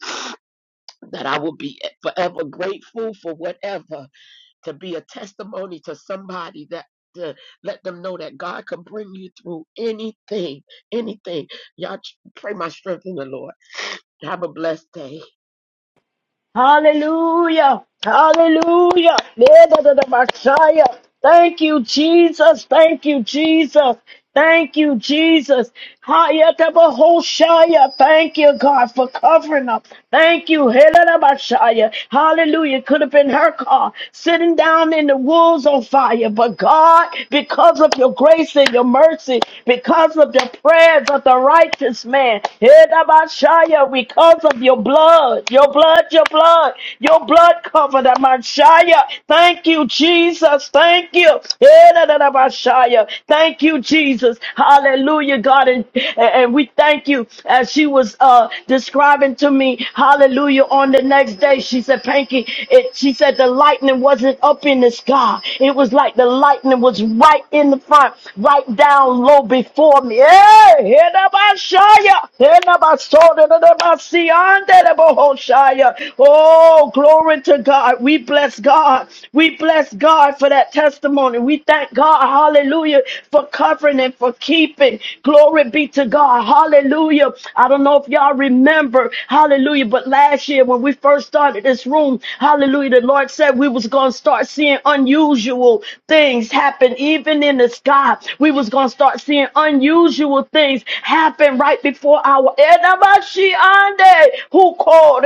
Speaker 12: that I will be forever grateful for whatever to be a testimony to somebody that to let them know that God can bring you through anything, anything. Y'all ch- pray my strength in the Lord. Have a blessed day.
Speaker 2: Hallelujah. Hallelujah. Leda da da Messiah. Thank you, Jesus. Thank you, Jesus. Thank you, Jesus. Hayata Bahoshaya. Thank you, God, for covering up. Thank you. Hela da Hallelujah. Could have been her car sitting down in the wolves on fire. But God, because of your grace and your mercy, because of the prayers of the righteous man, Hela da because of your blood, your blood, your blood blood, your blood covered that Messiah. Thank you, Jesus. Thank you. Yeah, da, da, da, Messiah. Thank you, Jesus. Hallelujah, God. And, and we thank you as she was uh, describing to me, hallelujah, on the next day. She said, Panky, it, she said the lightning wasn't up in the sky. It was like the lightning was right in the front, right down low before me. Yeah, yeah, da, Messiah. Yeah, da, Messiah. Oh, glory to God. We bless God. We bless God for that testimony. We thank God, hallelujah, for covering and for keeping. Glory be to God. Hallelujah. I don't know if y'all remember, hallelujah, but last year when we first started this room, hallelujah, the Lord said we was going to start seeing unusual things happen even in the sky. We was going to start seeing unusual things happen right before our who called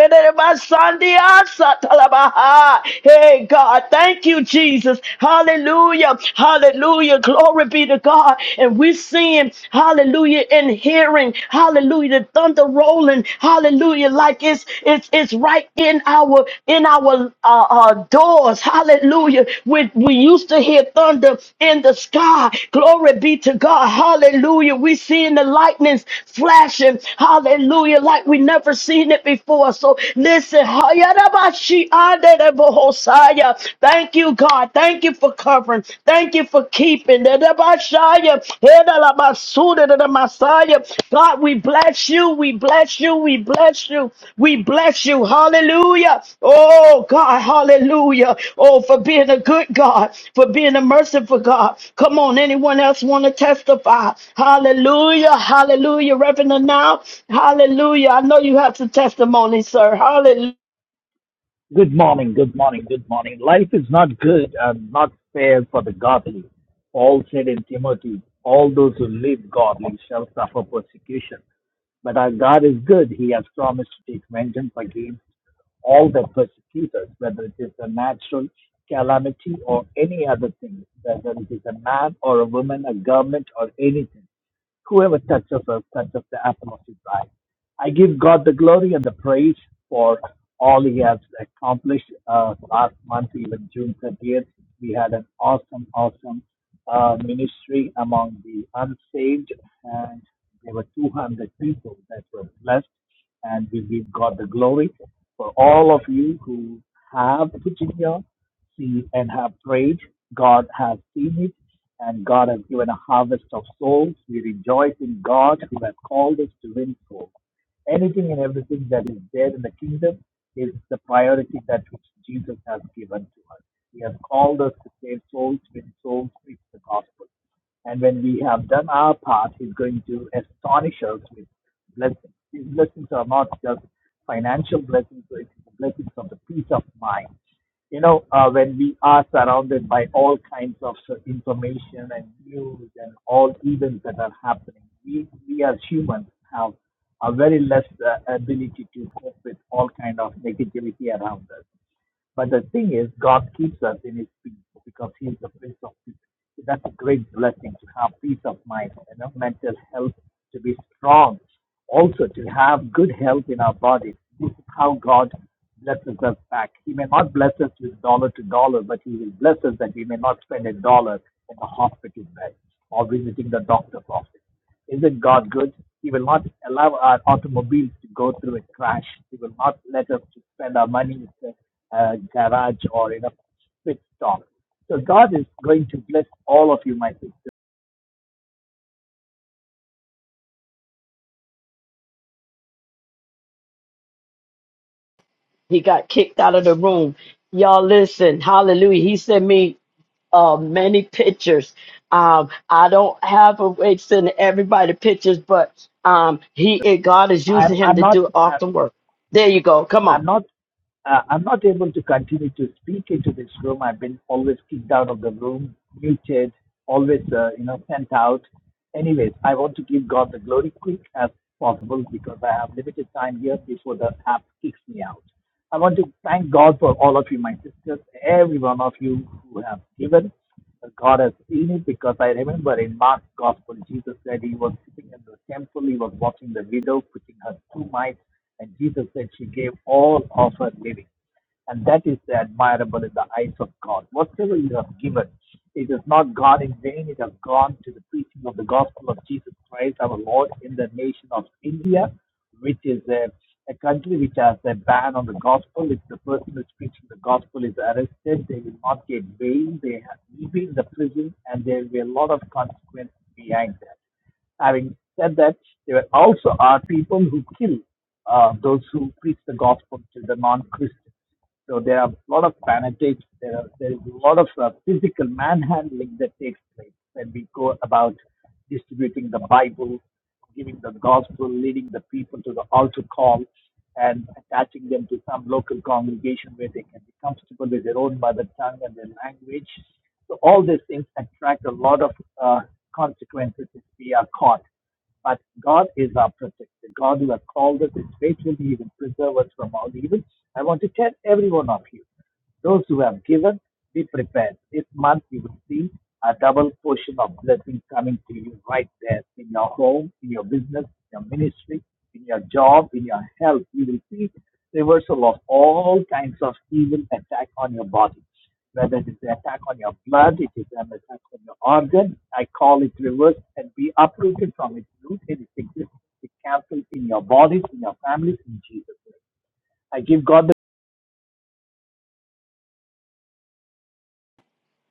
Speaker 2: Sandiyasatalabaha. Hey, God, thank you, Jesus. Hallelujah. Hallelujah. Glory be to God. And we're seeing, hallelujah, and hearing, hallelujah, the thunder rolling, hallelujah, like it's it's it's right in our in our uh, uh, doors. Hallelujah. We we used to hear thunder in the sky. Glory be to God. Hallelujah. We seeing the lightnings flashing. Hallelujah. Like we never seen it before. So listen. Hayarabashi Aderebohosaya. Thank you, God. Thank you for covering. Thank you for keeping. Derabashaya, Hedalabasuda, Dedamasaya. God, we bless you. We bless you. We bless you. We bless you. Hallelujah. Oh, God. Hallelujah. Oh, for being a good God, for being a merciful God. Come on. Anyone else want to testify? Hallelujah. Hallelujah. Reverend now. Hallelujah. I know you have some testimony, sir. Hallelujah.
Speaker 14: Good morning, good morning, good morning. Life is not good and not fair for the godly. Paul said in Timothy, all those who live godly shall suffer persecution. But our God is good. He has promised to take vengeance against all that persecute us, whether it is a natural calamity or any other thing, whether it is a man or a woman, a government or anything. Whoever touches us touches the apple of his eye. I give God the glory and the praise for all he has accomplished uh, last month, even June 30th. We had an awesome, awesome uh, ministry among the unsaved, and there were 200 people that were blessed and we give God the glory for all of you who have put in your seed and have prayed. God has seen it, and God has given a harvest of souls. We rejoice in God who has called us to win souls. Anything and everything that is there in the kingdom is the priority that which Jesus has given to us. He has called us to save souls when souls preach the gospel. And when we have done our part, He's going to astonish us with blessings. These blessings are not just financial blessings, but it's the blessings of the peace of mind you know, uh, when we are surrounded by all kinds of s- information and news and all events that are happening, we, we as humans have a very less uh, ability to cope with all kind of negativity around us. But the thing is, God keeps us in His peace because He is the Prince of Peace. So That's a great blessing to have peace of mind, you know, mental health, to be strong, also to have good health in our body. This is how God blesses us back. He may not bless us with dollar to dollar, but He will bless us that we may not spend a dollar in the hospital bed or visiting the doctor's office. Isn't God good? He will not allow our automobiles to go through a crash. He will not let us to spend our money in a garage or in a pit stop. So God is going to bless all of you, my sister.
Speaker 2: He got kicked out of the room. Y'all listen, hallelujah. He sent me uh, many pictures. Um, I don't have a way to send everybody pictures, but um, he and God is
Speaker 14: I'm,
Speaker 2: using him
Speaker 14: I'm
Speaker 2: to
Speaker 14: not,
Speaker 2: do
Speaker 14: I,
Speaker 2: awesome work. There you go. Come on.
Speaker 14: I'm not, uh, I'm not able to continue to speak into this room. I've been always kicked out of the room, muted, always, uh, you know, sent out. Anyways, I want to give God the glory quick as possible because I have limited time here before the app kicks me out. I want to thank God for all of you, my sisters, every one of you who have given. God has seen it because I remember in Mark's gospel, Jesus said he was sitting in the temple, he was watching the widow putting her two mites, and Jesus said she gave all of her living. And that is admirable in the eyes of God. Whatever you have given, it is not gone in vain, it has gone to the preaching of the gospel of Jesus Christ, our Lord, in the nation of India which is a, a country which has a ban on the gospel. If the person who's preaching the gospel is arrested, they will not get bail. They have will be in the prison, and there will be a lot of consequences behind that. Having said that, there also are people who kill uh, those who preach the gospel to the non-Christians. So there are a lot of fanatics. There are there is a lot of uh, physical manhandling that takes place when we go about distributing the Bible, giving the gospel, leading the people to the altar call, and attaching them to some local congregation where they can be comfortable with their own mother tongue and their language. So all these things attract a lot of uh, consequences if we are caught. But God is our protector. God who has called us is faithful. He will preserve us from all evil. I want to tell every one of you, those who have given, be prepared. This month you will see a double portion of blessing coming to you right there in your home, in your business, your ministry, in your job, in your health. You will see reversal of all kinds of evil attack on your body whether it is an attack on your blood, it is an attack on your organ. I call it reversed and be uprooted from its root. It is existence. It cancelled in your bodies, in your families, in Jesus' name. I give God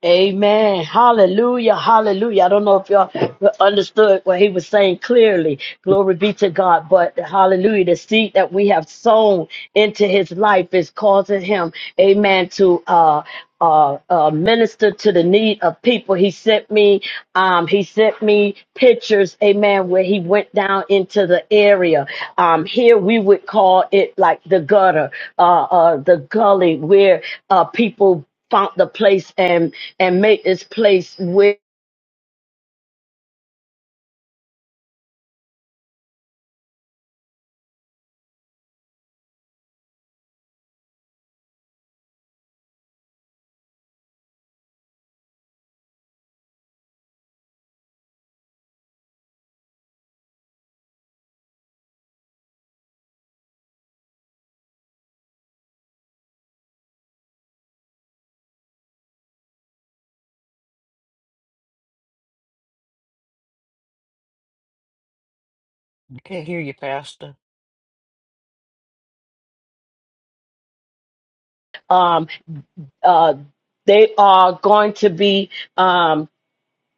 Speaker 2: Amen. Hallelujah. Hallelujah. I don't know if y'all understood what he was saying clearly. Glory be to God. But hallelujah. The seed that we have sown into his life is causing him, amen, to uh uh, uh, minister to the need of people. He sent me, um, he sent me pictures, amen, where he went down into the area. Um, here we would call it like the gutter, uh, uh, the gully where, uh, people found the place and and made this place where
Speaker 8: I can't hear you, Pastor.
Speaker 2: um uh they are going to be um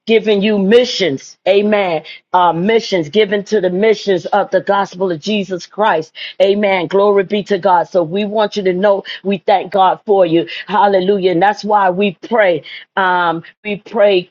Speaker 2: giving you missions amen uh missions given to the missions of the gospel of jesus christ amen glory be to god so we want you to know we thank god for you hallelujah and that's why we pray um we pray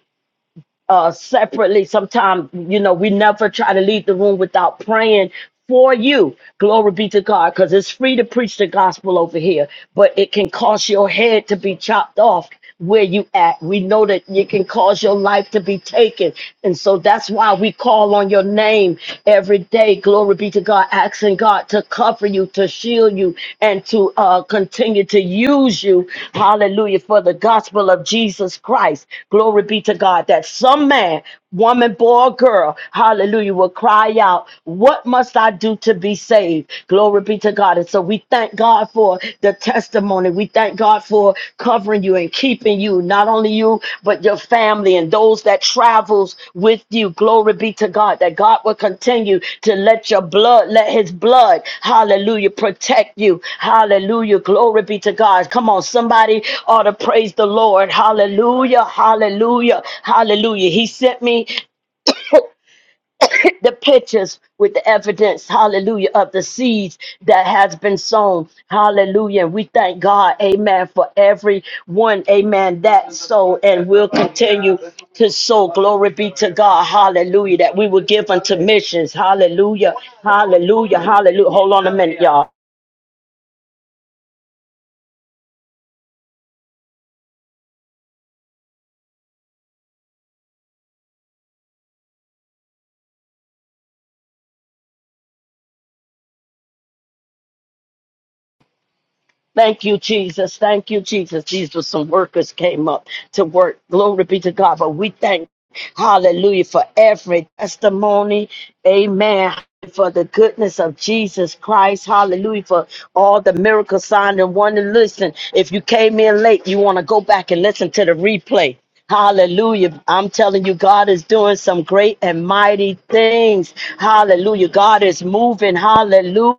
Speaker 2: uh, separately. Sometimes, you know, we never try to leave the room without praying for you. Glory be to God, because it's free to preach the gospel over here, but it can cause your head to be chopped off where you at. We know that it can cause your life to be taken. And so that's why we call on your name every day. Glory be to God asking God to cover you, to shield you, and to uh, continue to use you. Hallelujah. For the gospel of Jesus Christ. Glory be to God that some man, woman, boy, or girl, hallelujah, will cry out, What must I do to be saved? Glory be to God. And so we thank God for the testimony. We thank God for for covering you and keeping you, not only you, but your family and those that travels with you. Glory be to God that God will continue to let your blood, let his blood, hallelujah, protect you. Hallelujah. Glory be to God. Come on, somebody ought to praise the Lord. Hallelujah. Hallelujah. Hallelujah. He sent me the pictures with the evidence, hallelujah, of the seeds that has been sown. Hallelujah. And we thank God, amen, for every one, amen, that sow and will continue to sow. Glory be to God. Hallelujah. That we will give unto missions. Hallelujah. Hallelujah. Hallelujah. Hold on a minute, y'all. Thank you, Jesus. Thank you, Jesus. These were some workers came up to work. Glory be to God. But we thank, hallelujah, for every testimony. Amen. For the goodness of Jesus Christ. Hallelujah. For all the miracle sign and wonder. Listen, if you came in late, you want to go back and listen to the replay. Hallelujah. I'm telling you, God is doing some great and mighty things. Hallelujah. God is moving. Hallelujah.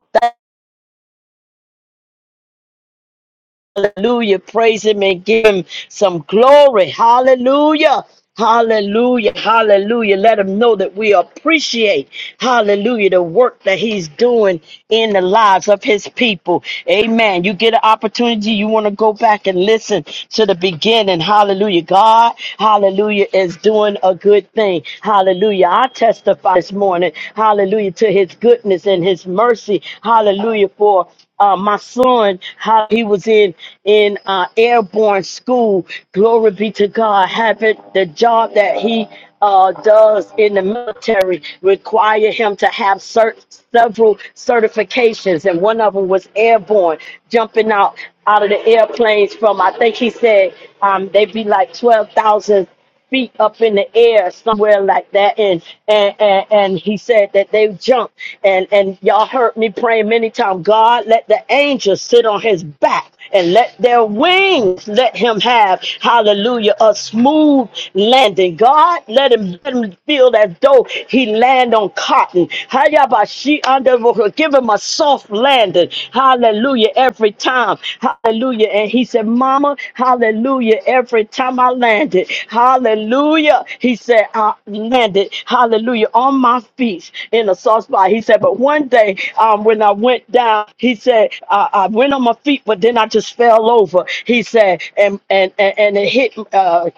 Speaker 2: Hallelujah. Praise him and give him some glory. Hallelujah. Hallelujah. Hallelujah. Let him know that we appreciate, hallelujah, the work that he's doing in the lives of his people. Amen. You get an opportunity, you want to go back and listen to the beginning. Hallelujah. God, hallelujah, is doing a good thing. Hallelujah. I testify this morning, hallelujah, to his goodness and his mercy. Hallelujah. For uh, my son, how he was in in uh, airborne school. Glory be to God. Having the job that he uh, does in the military require him to have cert- several certifications, and one of them was airborne, jumping out out of the airplanes from. I think he said um, they'd be like twelve thousand feet up in the air somewhere like that and and and, and he said that they jumped and and y'all heard me praying many times god let the angels sit on his back and let their wings let him have hallelujah a smooth landing god let him let him feel as though he land on cotton Hayabashi under give him a soft landing. Hallelujah. Every time. Hallelujah. And he said, Mama, hallelujah. Every time I landed. Hallelujah. He said, I landed. Hallelujah. On my feet in a soft spot. He said, but one day um, when I went down, he said, I, I went on my feet, but then I just fell over. He said, and and and, and it hit. Uh,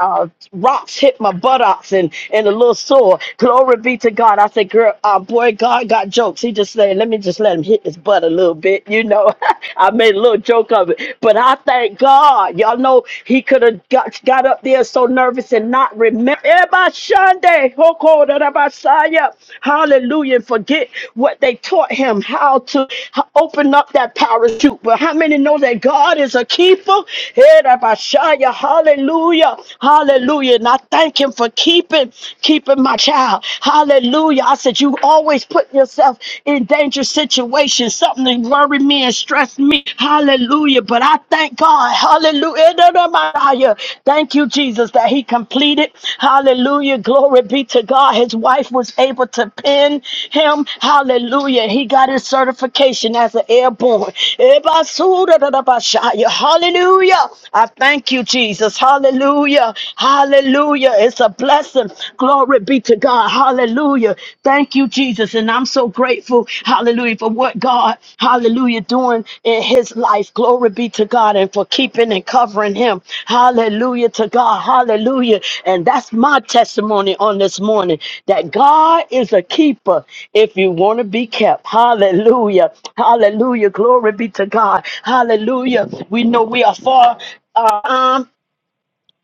Speaker 2: uh, rocks hit my buttocks and, and a little sore. Glory be to God. I said, girl, uh, boy, God got jokes. He just said, let me just let him hit his butt a little bit. You know, I made a little joke of it. But I thank God. Y'all know he could have got, got up there so nervous and not remember. hallelujah, and forget what they taught him, how to h- open up that parachute. But how many know that God is a keeper? Hallelujah. Hallelujah. Hallelujah. And I thank him for keeping, keeping my child. Hallelujah. I said, you always put yourself in dangerous situations, something that worry me and stress me. Hallelujah. But I thank God. Hallelujah. Thank you, Jesus, that he completed. Hallelujah. Glory be to God. His wife was able to pin him. Hallelujah. He got his certification as an airborne. Hallelujah. I thank you, Jesus. Hallelujah. Hallelujah. It's a blessing. Glory be to God. Hallelujah. Thank you, Jesus. And I'm so grateful. Hallelujah. For what God, hallelujah, doing in his life. Glory be to God. And for keeping and covering him. Hallelujah to God. Hallelujah. And that's my testimony on this morning that God is a keeper if you want to be kept. Hallelujah. Hallelujah. Glory be to God. Hallelujah. We know we are far. Uh, um,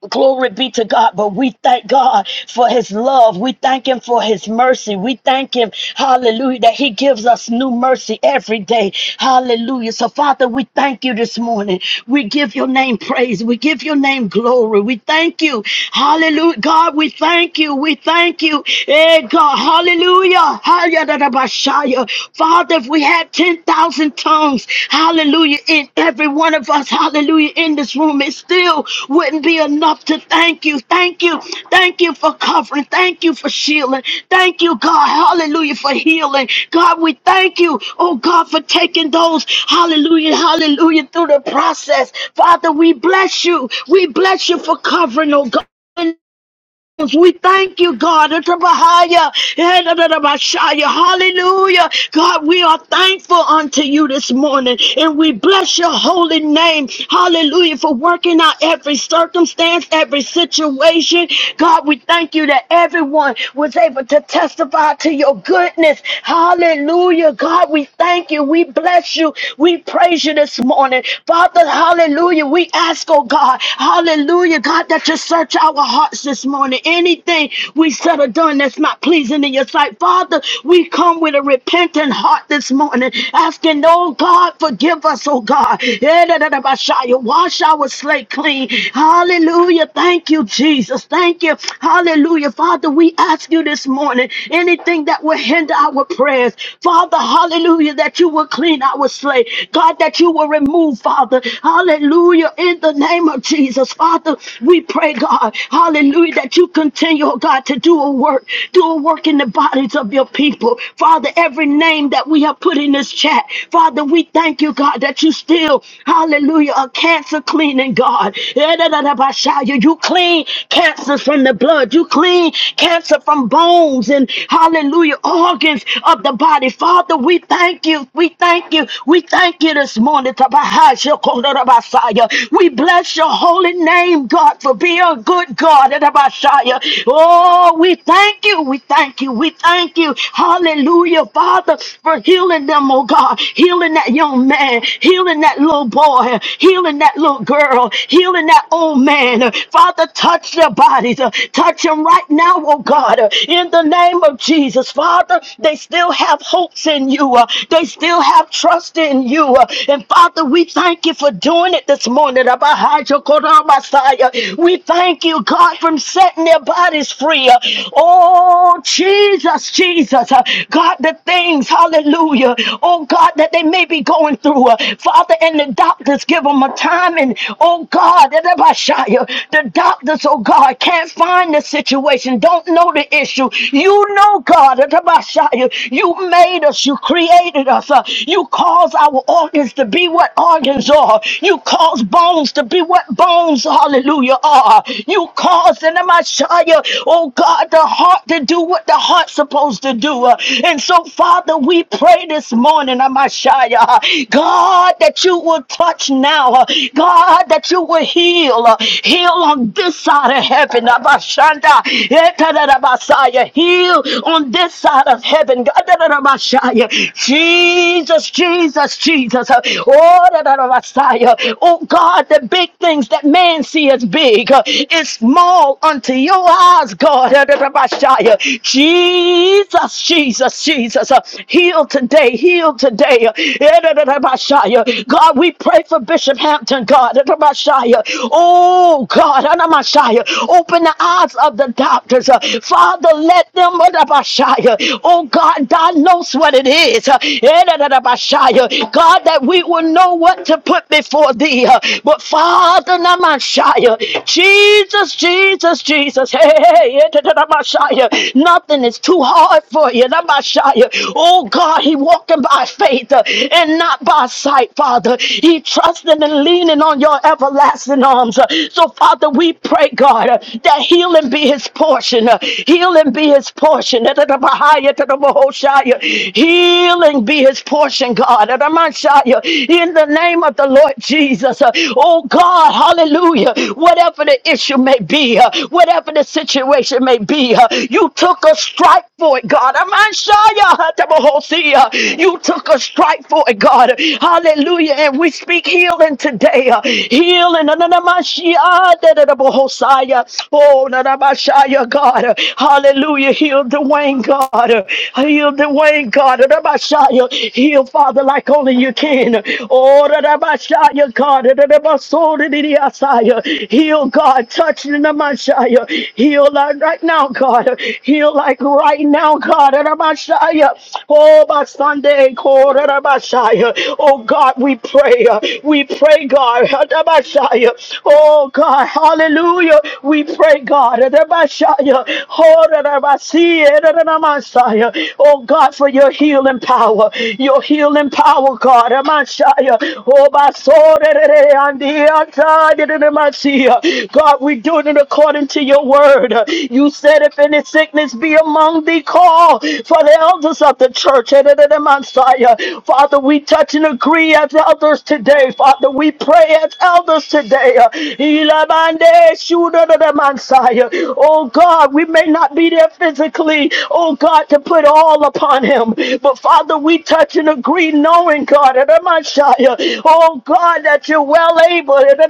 Speaker 2: Glory be to God, but we thank God for his love. We thank him for his mercy. We thank him, hallelujah, that he gives us new mercy every day. Hallelujah. So, Father, we thank you this morning. We give your name praise. We give your name glory. We thank you. Hallelujah. God, we thank you. We thank you. Hey, God. Hallelujah. Hallelujah. Father, if we had 10,000 tongues, hallelujah, in every one of us, hallelujah, in this room, it still wouldn't be enough to thank you. Thank you. Thank you for covering. Thank you for shielding. Thank you, God, hallelujah, for healing. God, we thank you, oh God, for taking those, hallelujah, hallelujah, through the process. Father, we bless you. We bless you for covering, oh God we thank you, God. Atrabahaya, Edadadabashaya. Hallelujah. God, we are thankful unto you this morning and we bless your holy name. Hallelujah. For working out every circumstance, every situation. God, we thank you that everyone was able to testify to your goodness. Hallelujah. God, we thank you. We bless you. We praise you this morning. Father, hallelujah. We ask, oh God, hallelujah, God, that you search our hearts hearts this morning. Anything we said or done that's not pleasing in your sight, Father, we come with a repentant heart this morning, asking, oh God, forgive us, oh God. Yedadadabashaya. Wash our slate clean. Hallelujah. Thank you, Jesus. Thank you. Hallelujah. Father, we ask you this morning anything that will hinder our prayers, Father, hallelujah, that you will clean our slate. God, that you will remove, Father. Hallelujah. In the name of Jesus, Father, we pray pray, God, hallelujah, that you continue, oh God, to do a work, do a work in the bodies of your people. Father, every name that we have put in this chat, Father, we thank you, God, that you still, hallelujah, are cancer cleaning, God. You clean cancer from the blood, you clean cancer from bones and, hallelujah, organs of the body. Father, we thank you, we thank you, we thank you this morning. Tabahasha Kondorabasaya. We bless your holy name blame God for being a good God. Edabashaya. Oh, we thank you. We thank you. We thank you. Hallelujah, Father, for healing them, oh God. Healing that young man, healing that little boy, healing that little girl, healing that old man. Father, touch their bodies. Uh, Touch them right now, oh God. Uh, In the name of Jesus, Father, they still have hopes in you. Uh, They still have trust in you. Uh, And Father, we thank you for doing it this morning. We thank you, God, from setting their bodies free. Oh, Jesus, Jesus. God, the things, hallelujah. Oh, God, that they may be going through. Father, and the doctors give them a time. And, oh, God, the doctors, oh, God, can't find the situation, don't know the issue. You know, God, you made us, you created us. You cause our organs to be what organs are. You cause bones to be what bones, hallelujah, are. You causing them, I show you, oh God, the heart to do what the heart's supposed to do. Uh, And so, Father, we pray this morning, Amashaya, God, that you will touch now. uh, God, that you will heal. uh, Heal on this side of heaven, Abashanda, Etadadabasaya. Heal on this side of heaven, God, Dadadabashaya. Jesus, Jesus, Jesus. uh, Oh, Dadadabasaya. Oh God, the big things that man see as big uh, is small unto your eyes, God. Jesus, Jesus, Jesus, uh, heal today, heal today. God, we pray for Bishop Hampton, God. Oh God, open the eyes of the doctors. uh, Father, let them, oh God, diagnose what it is. God, that we will know what what to put before thee. uh, But Father Namashaya, Jesus, Jesus, Jesus, hey, hey, hey, yeah, da, da, da, Namashaya, nothing is too hard for you. Namashaya. Oh God, he walking by faith uh, and not by sight, Father. He trusting and leaning on your everlasting arms. uh, So Father, we pray, God, uh, that healing be his portion. uh, Healing be his portion. Da, da, da, Bahaya, da, da, Bahoshaya. Healing be his portion, God. Messiah, in the name of the Lord Jesus. Uh, Oh God, hallelujah. Whatever the issue may be, uh, whatever the situation may be, uh, you took a strike for it, God. I'm You took a strike for it, God. Hallelujah. And we speak healing today. uh, Healing. Na- na- na- ah, si- ah. Oh, na- ah, yeah, God. Uh, Hallelujah. Heal Dwayne, God. Uh, Heal Dwayne, God. Na- ah, yeah. Heal, Father like only you can. Oh, Rabashaya, God, Rabasoridiasaya. Heal, God, touch Namashaya. Heal like right now, God. Heal like right now, God. Rabashaya. Oh, by Sunday, God, Rabashaya. Oh, God, we pray. uh, We pray, God. Rabashaya. Oh, God, hallelujah. We pray, God. Rabashaya. Oh, Rabashaya. Oh, God, for your healing power your healing power, God. Amashaya. Oh, my soul. da, da, da, da, and the outside, da, da, da, my sea. God, we do it according to your word. You said, if any sickness be among thee, call for the elders of the church. Da, da, da, da, my Messiah. Father, we touch and agree as elders today. Father, we pray as elders today. Ilabande shuda da da Messiah. Oh God, we may not be there physically. Oh God, to put all upon him. But but Father, we touch and agree, knowing God, and uh, oh God, that you're well able, and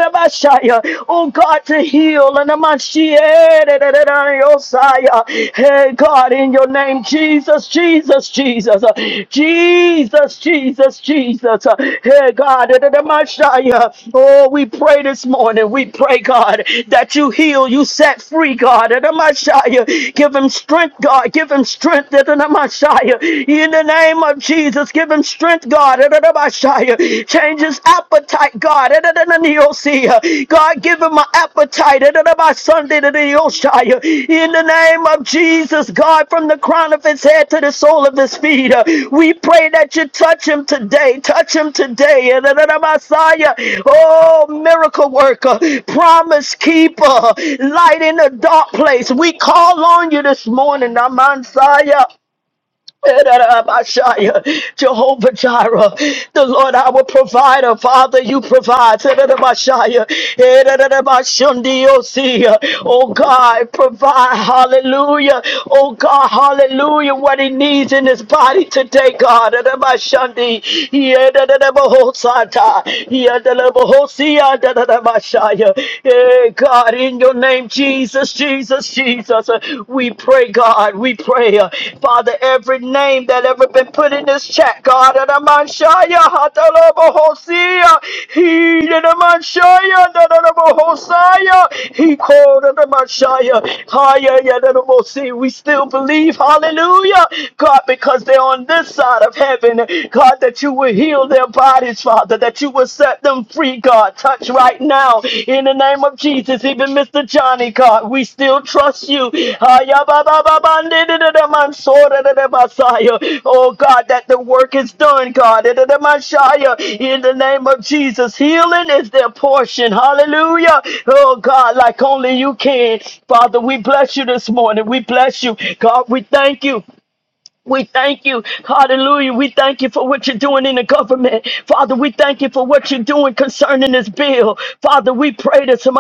Speaker 2: uh, oh God, to heal, and I'm not shy, eh, uh, hey God, in your name, Jesus, Jesus, Jesus, uh, Jesus, Jesus, Jesus, uh, hey God, da, uh, oh, we pray this morning, we pray, God, that you heal, you set free, God, da, uh, give him strength, God, give him strength, da, in the name of Jesus, give him strength, God. Change his appetite, God. God, give him an appetite. Sunday In the name of Jesus, God, from the crown of his head to the sole of his feet, uh, we pray that you touch him today. Touch him today. In oh, miracle worker, promise keeper, light in the dark place. We call on you this morning, Amansaya. Jehovah Jireh, the Lord our provider, Father, you provide. Oh God, provide, hallelujah. Oh God, hallelujah, what he needs in his body today, God. God, in your name, name, Jesus, Jesus, Jesus. Uh, We pray, God, we pray. uh, Father, every name that ever been put in this chat, God, and I'm on Shia, Hatalobo Hosea, he did a man Shia, Dadabo Hosea, he called a man Shia, Haya, Yadabo See. We still believe, hallelujah, God, because they're on this side of heaven, God, that you will heal their bodies, Father. Father, that you will set them free, God. Touch right now in the name of Jesus, even Mr. Johnny, God. We still trust you. Ah, ya ba ba ba ba ni di di di man so di di Messiah. Oh God, that the work is done, God. Di di di Messiah. In the name of Jesus, healing is their portion. Hallelujah. Oh God, like only you can. Father, we bless you this morning. We bless you. God, we thank you. We thank you. Hallelujah. We thank you for what you're doing in the government. Father, we thank you for what you're doing concerning this bill. Father, we pray this. We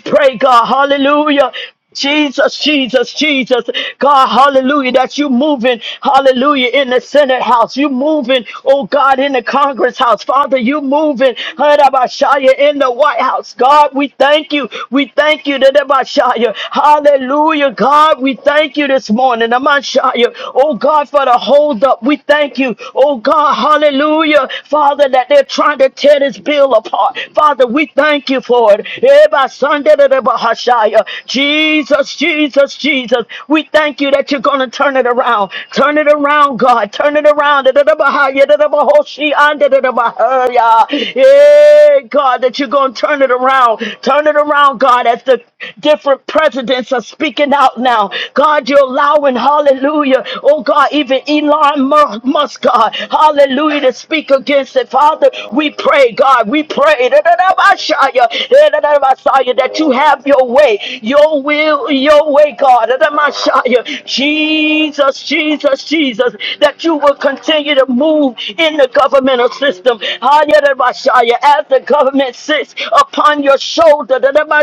Speaker 2: pray, God. Hallelujah. Jesus, Jesus, Jesus, God, hallelujah, that you moving, hallelujah, in the Senate House. You moving, oh God, in the Congress House. Father, you moving, Hadabashaya, in the White House. God, we thank you. We thank you, Hadabashaya. Hallelujah, God, we thank thank you this morning. Amashaya. Oh God, for the hold up. We thank you. Oh God, hallelujah. Father, that they're trying to tear this bill apart. Father, we thank you for it. Eba Sunday da da bahashaya. Jesus, Jesus, Jesus. We thank you that you're gonna turn it around. Turn it around, God. Turn it around. Da da da bahaya, da da bahoshi, and da da da bahaya. Yeah, God, that you're gonna turn it around. Turn it around, God, as the different presidents are speaking out now now. God, you're allowing, hallelujah. Oh God, even Elon Musk, God, hallelujah, to speak against it. Father, we pray, God, we pray Da-da-da-ba-shaya, da da da ba that you have your way, your will, your way, God. da da ma Jesus, Jesus, Jesus, that you will continue to move in the governmental system. Hallelujah, as the government sits upon your shoulder. da da ma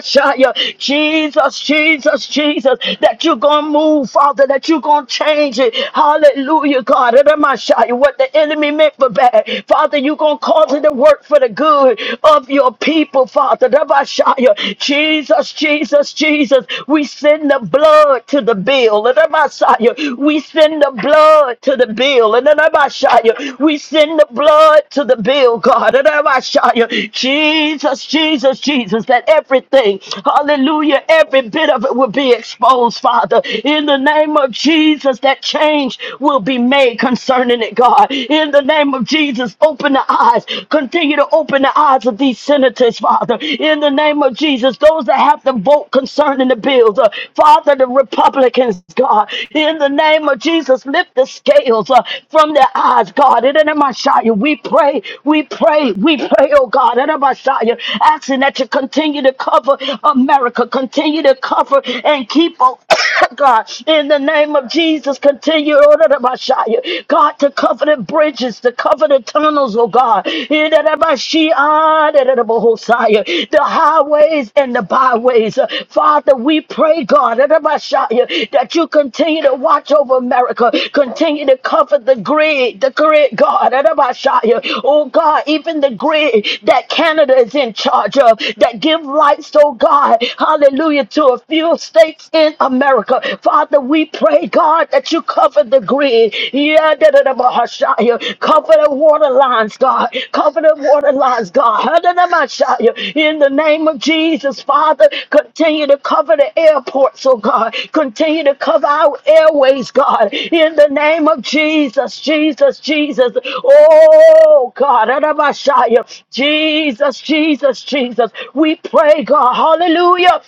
Speaker 2: Jesus, Jesus, Jesus, that you're going to move, Father, that you're going to change it. Hallelujah, God. Eramashai, What the enemy meant for bad, Father, you're going to cause it to work for the good of your people, Father. Eramashai, Jesus, Jesus, Jesus, we send the blood to the bill. Eramashai, We send the blood to the bill. Eramashai, We send the blood to the bill, God. Eramashai, Jesus, Jesus, Jesus, that everything, hallelujah, every bit of it will be be exposed, Father. In the name of Jesus, that change will be made concerning it, God. In the name of Jesus, open the eyes. Continue to open the eyes of these senators, Father. In the name of Jesus, those that have to vote concerning the bills, uh, Father, the Republicans, God. In the name of Jesus, lift the scales uh, from their eyes, God. In the name of Shia, we pray, we pray, we pray, oh God. In the name of Shia, asking that you continue to cover America, continue to cover cover and keep on. God, in the name of Jesus, continue order the Messiah. God, to cover the bridges, to cover the tunnels, oh God. In the Bashia, of Shia, the name of the highways and the byways. Uh, Father, we pray, God, in the name that you continue to watch over America, continue to cover the grid, the grid, God, in the name oh God, even the grid that Canada is in charge of, that give lights, oh God, hallelujah California to a few states in America. Father, we pray, God, that you cover the grid. Yeah, da, da, da, ba, yeah. Cover the water lines, God. Cover the water lines, God. Ha, da, da, ma, yeah. In the name of Jesus, Father, continue to cover the airports, oh God. Continue to cover our airways, God. In the name of Jesus, Jesus, Jesus. Oh God, da, da, ma, yeah. Jesus, Jesus, Jesus. We pray, God. Hallelujah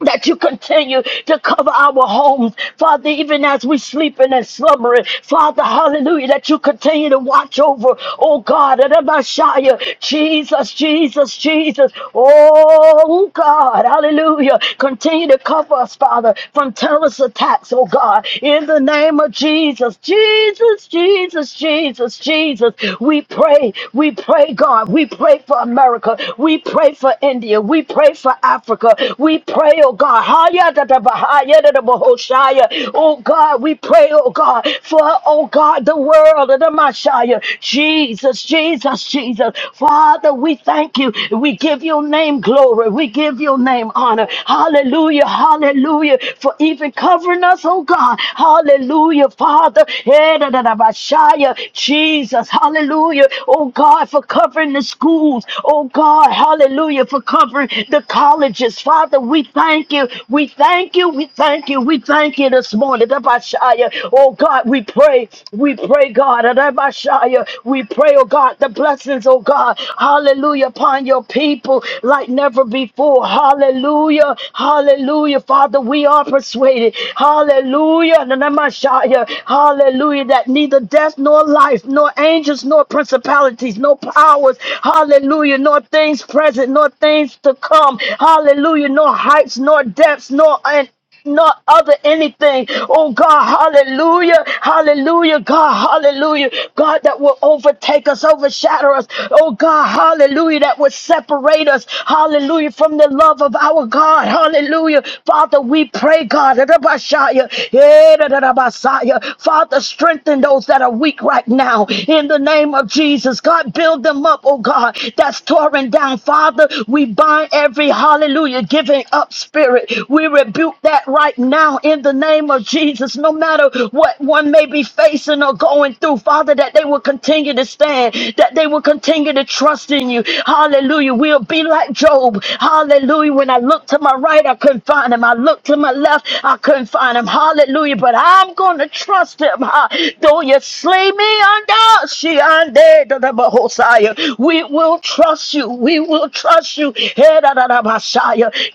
Speaker 2: that you continue to cover our homes, Father, even as we sleeping and slumbering, Father, hallelujah, that you continue to watch over, oh God, and the Messiah, Jesus, Jesus, Jesus, oh God, hallelujah, continue to cover us, Father, from terrorist attacks, oh God, in the name of Jesus, Jesus, Jesus, Jesus, Jesus, we pray, we pray, God, we pray for America, we pray for India, we pray for Africa. Africa. We pray, oh God. Haya da da ba, haya da da ba, Hoshaya. Oh God, we pray, oh God, for, oh God, the world of the Messiah. Jesus, Jesus, Jesus. Father, we thank you. We give your name glory. We give your name honor. Hallelujah, hallelujah, for even covering us, oh God. Hallelujah, Father. Eh, da da da ba, Shia. Jesus, hallelujah. Oh God, for covering the schools. Oh God, hallelujah. for for covering the colleges. Father, we thank you. We thank you. We thank you. We thank you this morning. Rabashaya. Oh God, we pray. We pray, God. Rabashaya. We pray, oh God, the blessings, oh God. Hallelujah upon your people like never before. Hallelujah. Hallelujah. Father, we are persuaded. Hallelujah. Rabashaya. Hallelujah. That neither death nor life, nor angels, nor principalities, no powers. Hallelujah. Nor nor things present, nor things to come. Hallelujah. Nor heights, nor depths, nor and not other anything. Oh God, hallelujah, hallelujah, God, hallelujah, God, that will overtake us, overshadow us. Oh God, hallelujah, that will separate us, hallelujah, from the love of our God, hallelujah. Father, we pray, God, Rabashaya, yeah, Rabashaya. Father, strengthen those that are weak right now in the name of Jesus. God, build them up, up, oh God, that's tearing down. Father, we bind every hallelujah giving up spirit. We rebuke that right now in the name of Jesus, no matter what one may be facing or going through, Father, that they will continue to stand, that they will continue to trust in you. Hallelujah. We'll be like Job. Hallelujah. When I look to my right, I couldn't find him. I looked to my left, I couldn't find him. Hallelujah. But I'm going to trust him. Ha. Though you slay me under, she under. We will trust you. We will trust you.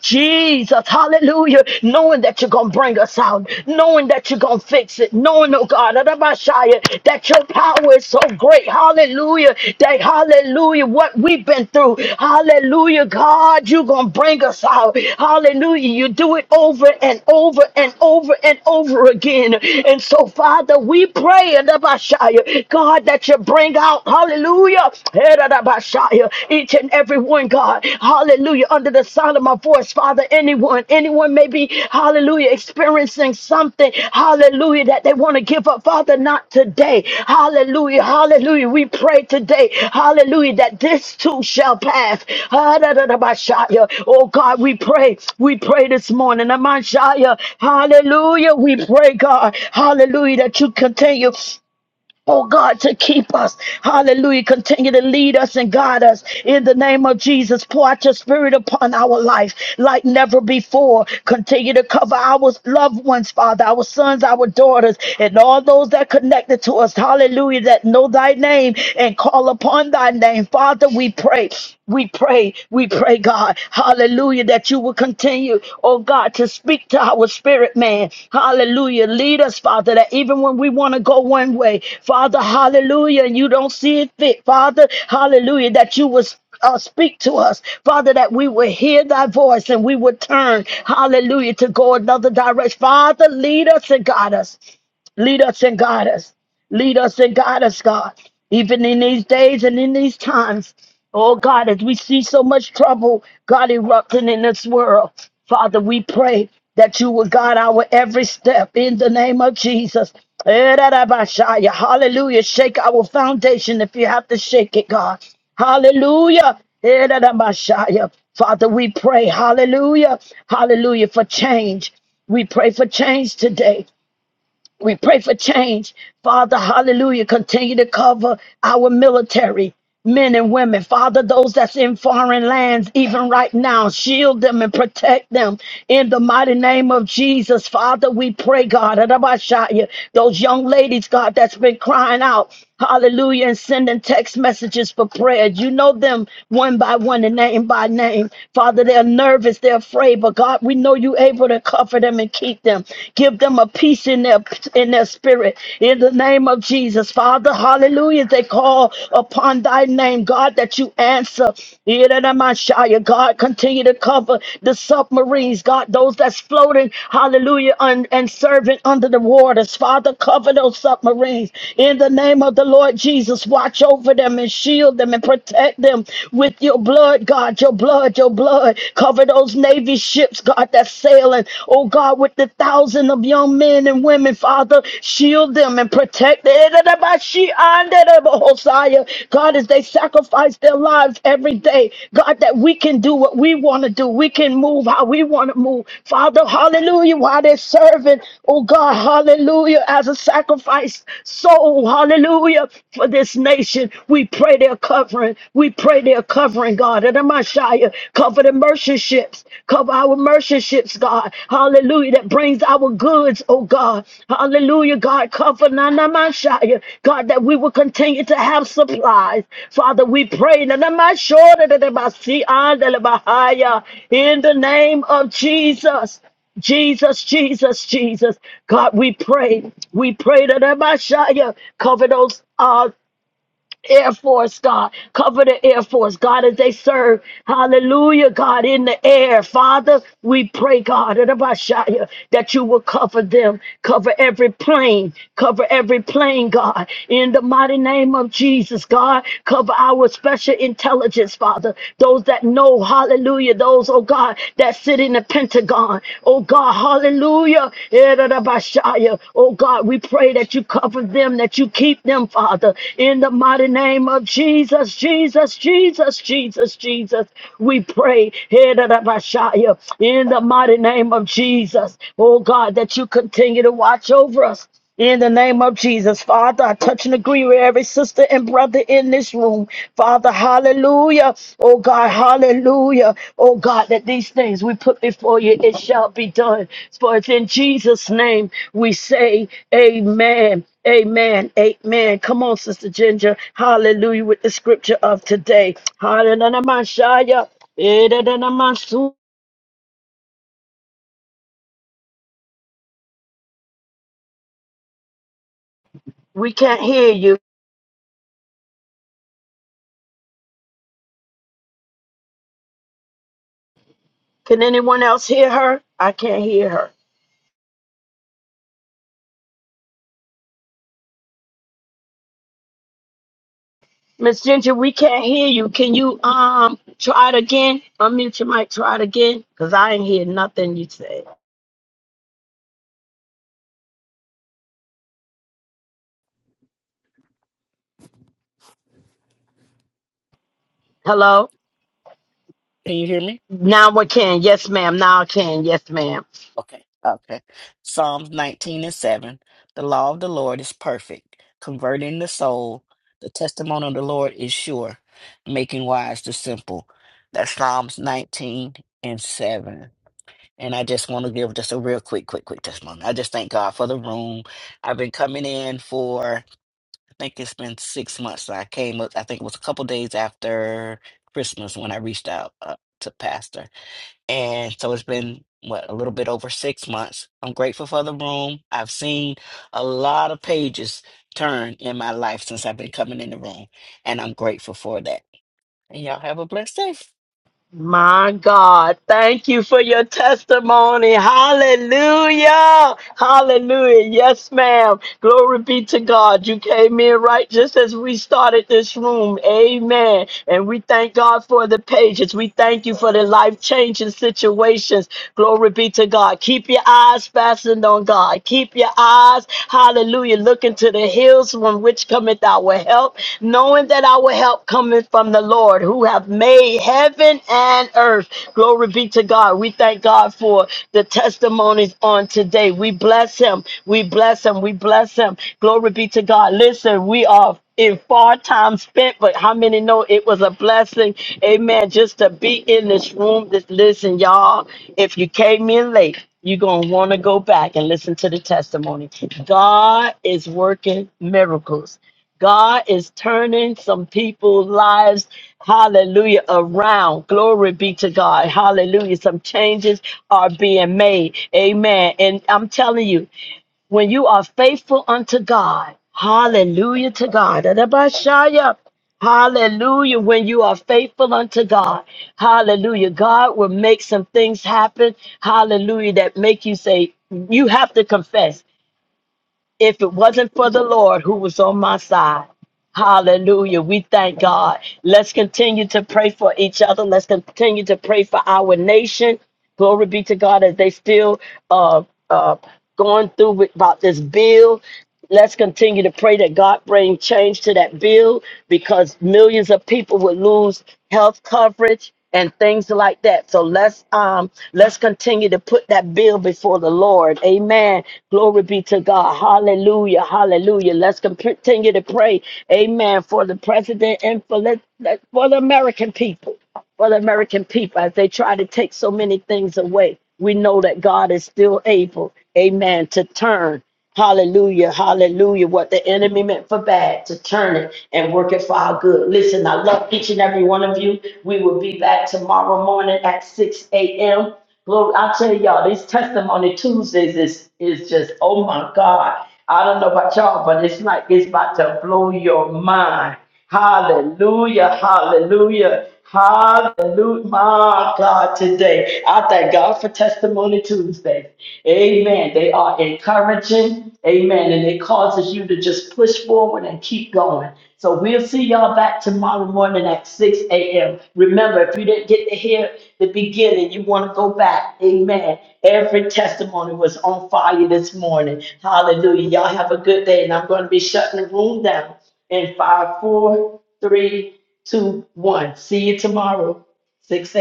Speaker 2: Jesus, hallelujah. Knowing that you're going to bring us out, knowing that you're going to fix it, knowing, oh God, that your power is so great. Hallelujah. That, hallelujah, what we've been through. Hallelujah, God, you're going to bring us out. Hallelujah. You do it over and over and over and over again. And so, Father, we pray, God, God, that you bring out, hallelujah, each and every one, God, hallelujah, under the sound of my voice, Father, anyone, anyone may be, hallelujah, experiencing something, hallelujah, that they want to give up, Father, not today, hallelujah, hallelujah, we pray today, hallelujah, that this too shall pass, Herabashaya. oh God, we pray, we pray this morning, Amashaya, hallelujah, we pray, God, hallelujah, that you continue. Oh God, to keep us. Hallelujah. Continue to lead us and guide us. In the name of Jesus, pour out your spirit upon our life like never before. Continue to cover our loved ones, Father, our sons, our daughters, and all those that connected to us. Hallelujah. That know thy name and call upon thy name. Father, we pray. We pray. We pray, God. God. Hallelujah. That you will continue, oh God, to speak to our spirit man. Hallelujah. Lead us, Father, that even when we want to go one way, Father, hallelujah, and you don't see it fit, Father, hallelujah, that you was uh, speak to us, Father, that we will hear thy voice and we will turn, hallelujah, to go another direction. Father, lead us and guide us. Lead us and guide us. Lead us and guide us, God. Even in these days and in these times, oh God, as we see so much trouble, God, erupting in this world, Father, we pray that you will guide our every step in the name of Jesus. Erarabashaya. Hallelujah. Shake our foundation if you have to shake it, God. Hallelujah. Erarabashaya. Father, we pray, hallelujah, hallelujah, for change. We pray for change today. We pray for change. Father, hallelujah. Continue to cover our military, men and women. Father, those that's in foreign lands, even right now, shield them and protect them in the mighty name of Jesus. Father, we pray, God, Adabashaya, those young ladies, God, that's been crying out. Hallelujah. And sending text messages for prayer. You know them one by one and name by name. Father, they're nervous, they're afraid, but God, we know you able to cover them and keep them. Give them a peace in their in their spirit. In the name of Jesus. Father, hallelujah. They call upon thy name, God, that you answer. Yidda-da-ma-shia. God, continue to cover the submarine submarines, God, those that's floating, hallelujah, and, and serving under the waters. Father, cover those submarines. In the name of the Lord Jesus, watch over them and shield them and protect them with your blood, God, your blood, your blood. Cover those Navy ships, God, that's sailing, oh God, with the thousand of young men and women, Father, shield them and protect them. Hosea. God, as they sacrifice their lives every day, God, that we can do what we want to do. We can move how we want to move. Father, hallelujah, while they're serving, oh God, hallelujah, as a sacrifice soul, hallelujah, for this nation. We pray their covering. We pray their covering, God. And Messiah, cover the merchant ships, cover our merchant Partnerships, God. Hallelujah. That brings our goods, oh God. Hallelujah, God. Comfort Nanamashaya. God, that we will continue to have supplies. Father, we pray. Nanamashora dadabasi andalabahaya. In the name of Jesus. Jesus, Jesus, Jesus. God, we pray. We pray that Messiah cover those. uh, Air Force, God. Cover the Air Force, God, as they serve. Hallelujah, God, in the air. Father, we pray, God, that about Shia, that you will cover them. Cover every plane. Cover every plane, God. In the mighty name of Jesus, God, cover our special intelligence, Father. Those that know, hallelujah. Those, oh God, that sit in the Pentagon to God. Oh God, hallelujah. Erabashaya. Oh God, we pray that you cover them, that you keep them, Father, in the mighty name of Jesus, Jesus, Jesus, Jesus, Jesus. We pray Erabashaya, in the mighty name of Jesus. Oh God, that you continue to watch over us. In the name of Jesus, Father, I touch and agree with every sister and brother in this room. Father, hallelujah. Oh God, hallelujah. Oh God, that these things we put before you, it shall be done. For it's in Jesus' name we say, Amen. Amen. Amen. Come on, Sister Ginger. Hallelujah with the scripture of today. Hallelujah. We can't hear you. Can anyone else hear her? I can't hear her. Miss Ginger, we can't hear you. Can you um try it again? Unmute your mic, try it again. Cause I ain't hear nothing you said. Hello?
Speaker 8: Can you hear me?
Speaker 2: Now I can. Yes, ma'am. Now I can. Yes, ma'am.
Speaker 8: Okay, okay. Psalms 19 and 7. The law of the Lord is perfect, converting the soul. The testimony of the Lord is sure, making wise the simple. That's Psalms 19 and 7. And I just want to give just a real quick, quick, quick testimony. I just thank God for the room. I've been coming in for, I think it's been six months. I came up, I think it was a couple days after Christmas when I reached out uh, to Pastor. And so it's been, what, a little bit over six months. I'm grateful for the room. I've seen a lot of pages turn in my life since I've been coming in the room, and I'm grateful for that. And y'all have a blessed day.
Speaker 2: My God, thank you for your testimony. Hallelujah. Hallelujah. Yes, ma'am. Glory be to God. You came in right just as we started this room. Amen. And we thank God for the pages. We thank you for the life changing situations. Glory be to God. Keep your eyes fastened on God. Keep your eyes, hallelujah, looking to the hills from which cometh our help, knowing that our help comes cometh from the Lord who have made heaven and earth. Glory be to God. We thank God for the testimonies on today. We bless him. We bless him. We bless him. Glory be to God. Listen, we are in far time spent, but how many know it was a blessing? Amen. Just to be in this room. Just listen, y'all. If you came in late, you're gonna want to go back and listen to the testimony. God is working miracles. God is turning some people's lives, hallelujah, around. Glory be to God. Hallelujah. Some changes are being made. Amen. And I'm telling you, when you are faithful unto God, hallelujah to God. Adabashaya. Hallelujah. When you are faithful unto God, hallelujah. God will make some things happen. Hallelujah. That make you say, you have to confess if it wasn't for the Lord who was on my side. Hallelujah. We thank God. Let's continue to pray for each other. Let's continue to pray for our nation. Glory be to God as they still uh, uh, going through with, about this bill. Let's continue to pray that God bring change to that bill because millions of people will lose health coverage and things like that. So let's um let's continue to put that bill before the Lord. Amen. Glory be to God. Hallelujah. Hallelujah. Let's com- continue to pray. Amen. For the president and for let, let- for the American people for the American people as they try to take so many things away. We know that God is still able, amen, to turn. Hallelujah, hallelujah. What the enemy meant for bad, to turn it and work it for our good. Listen, I love each and every one of you. We will be back tomorrow morning at 6 a.m. Glory, I'll tell y'all, these testimony Tuesdays is, is just, oh my God. I don't know about y'all, but it's like it's about to blow your mind. Hallelujah, hallelujah, hallelujah, my God, today. I thank God for Testimony Tuesday. Amen. They are encouraging, amen, and it causes you to just push forward and keep going. So we'll see y'all back tomorrow morning at 6 a.m. Remember, if you didn't get to hear the beginning, you want to go back. Amen. Every testimony was on fire this morning. Hallelujah. Y'all have a good day, and I'm going to be shutting the room down in five, four, three, two, one. See you tomorrow, six a.m.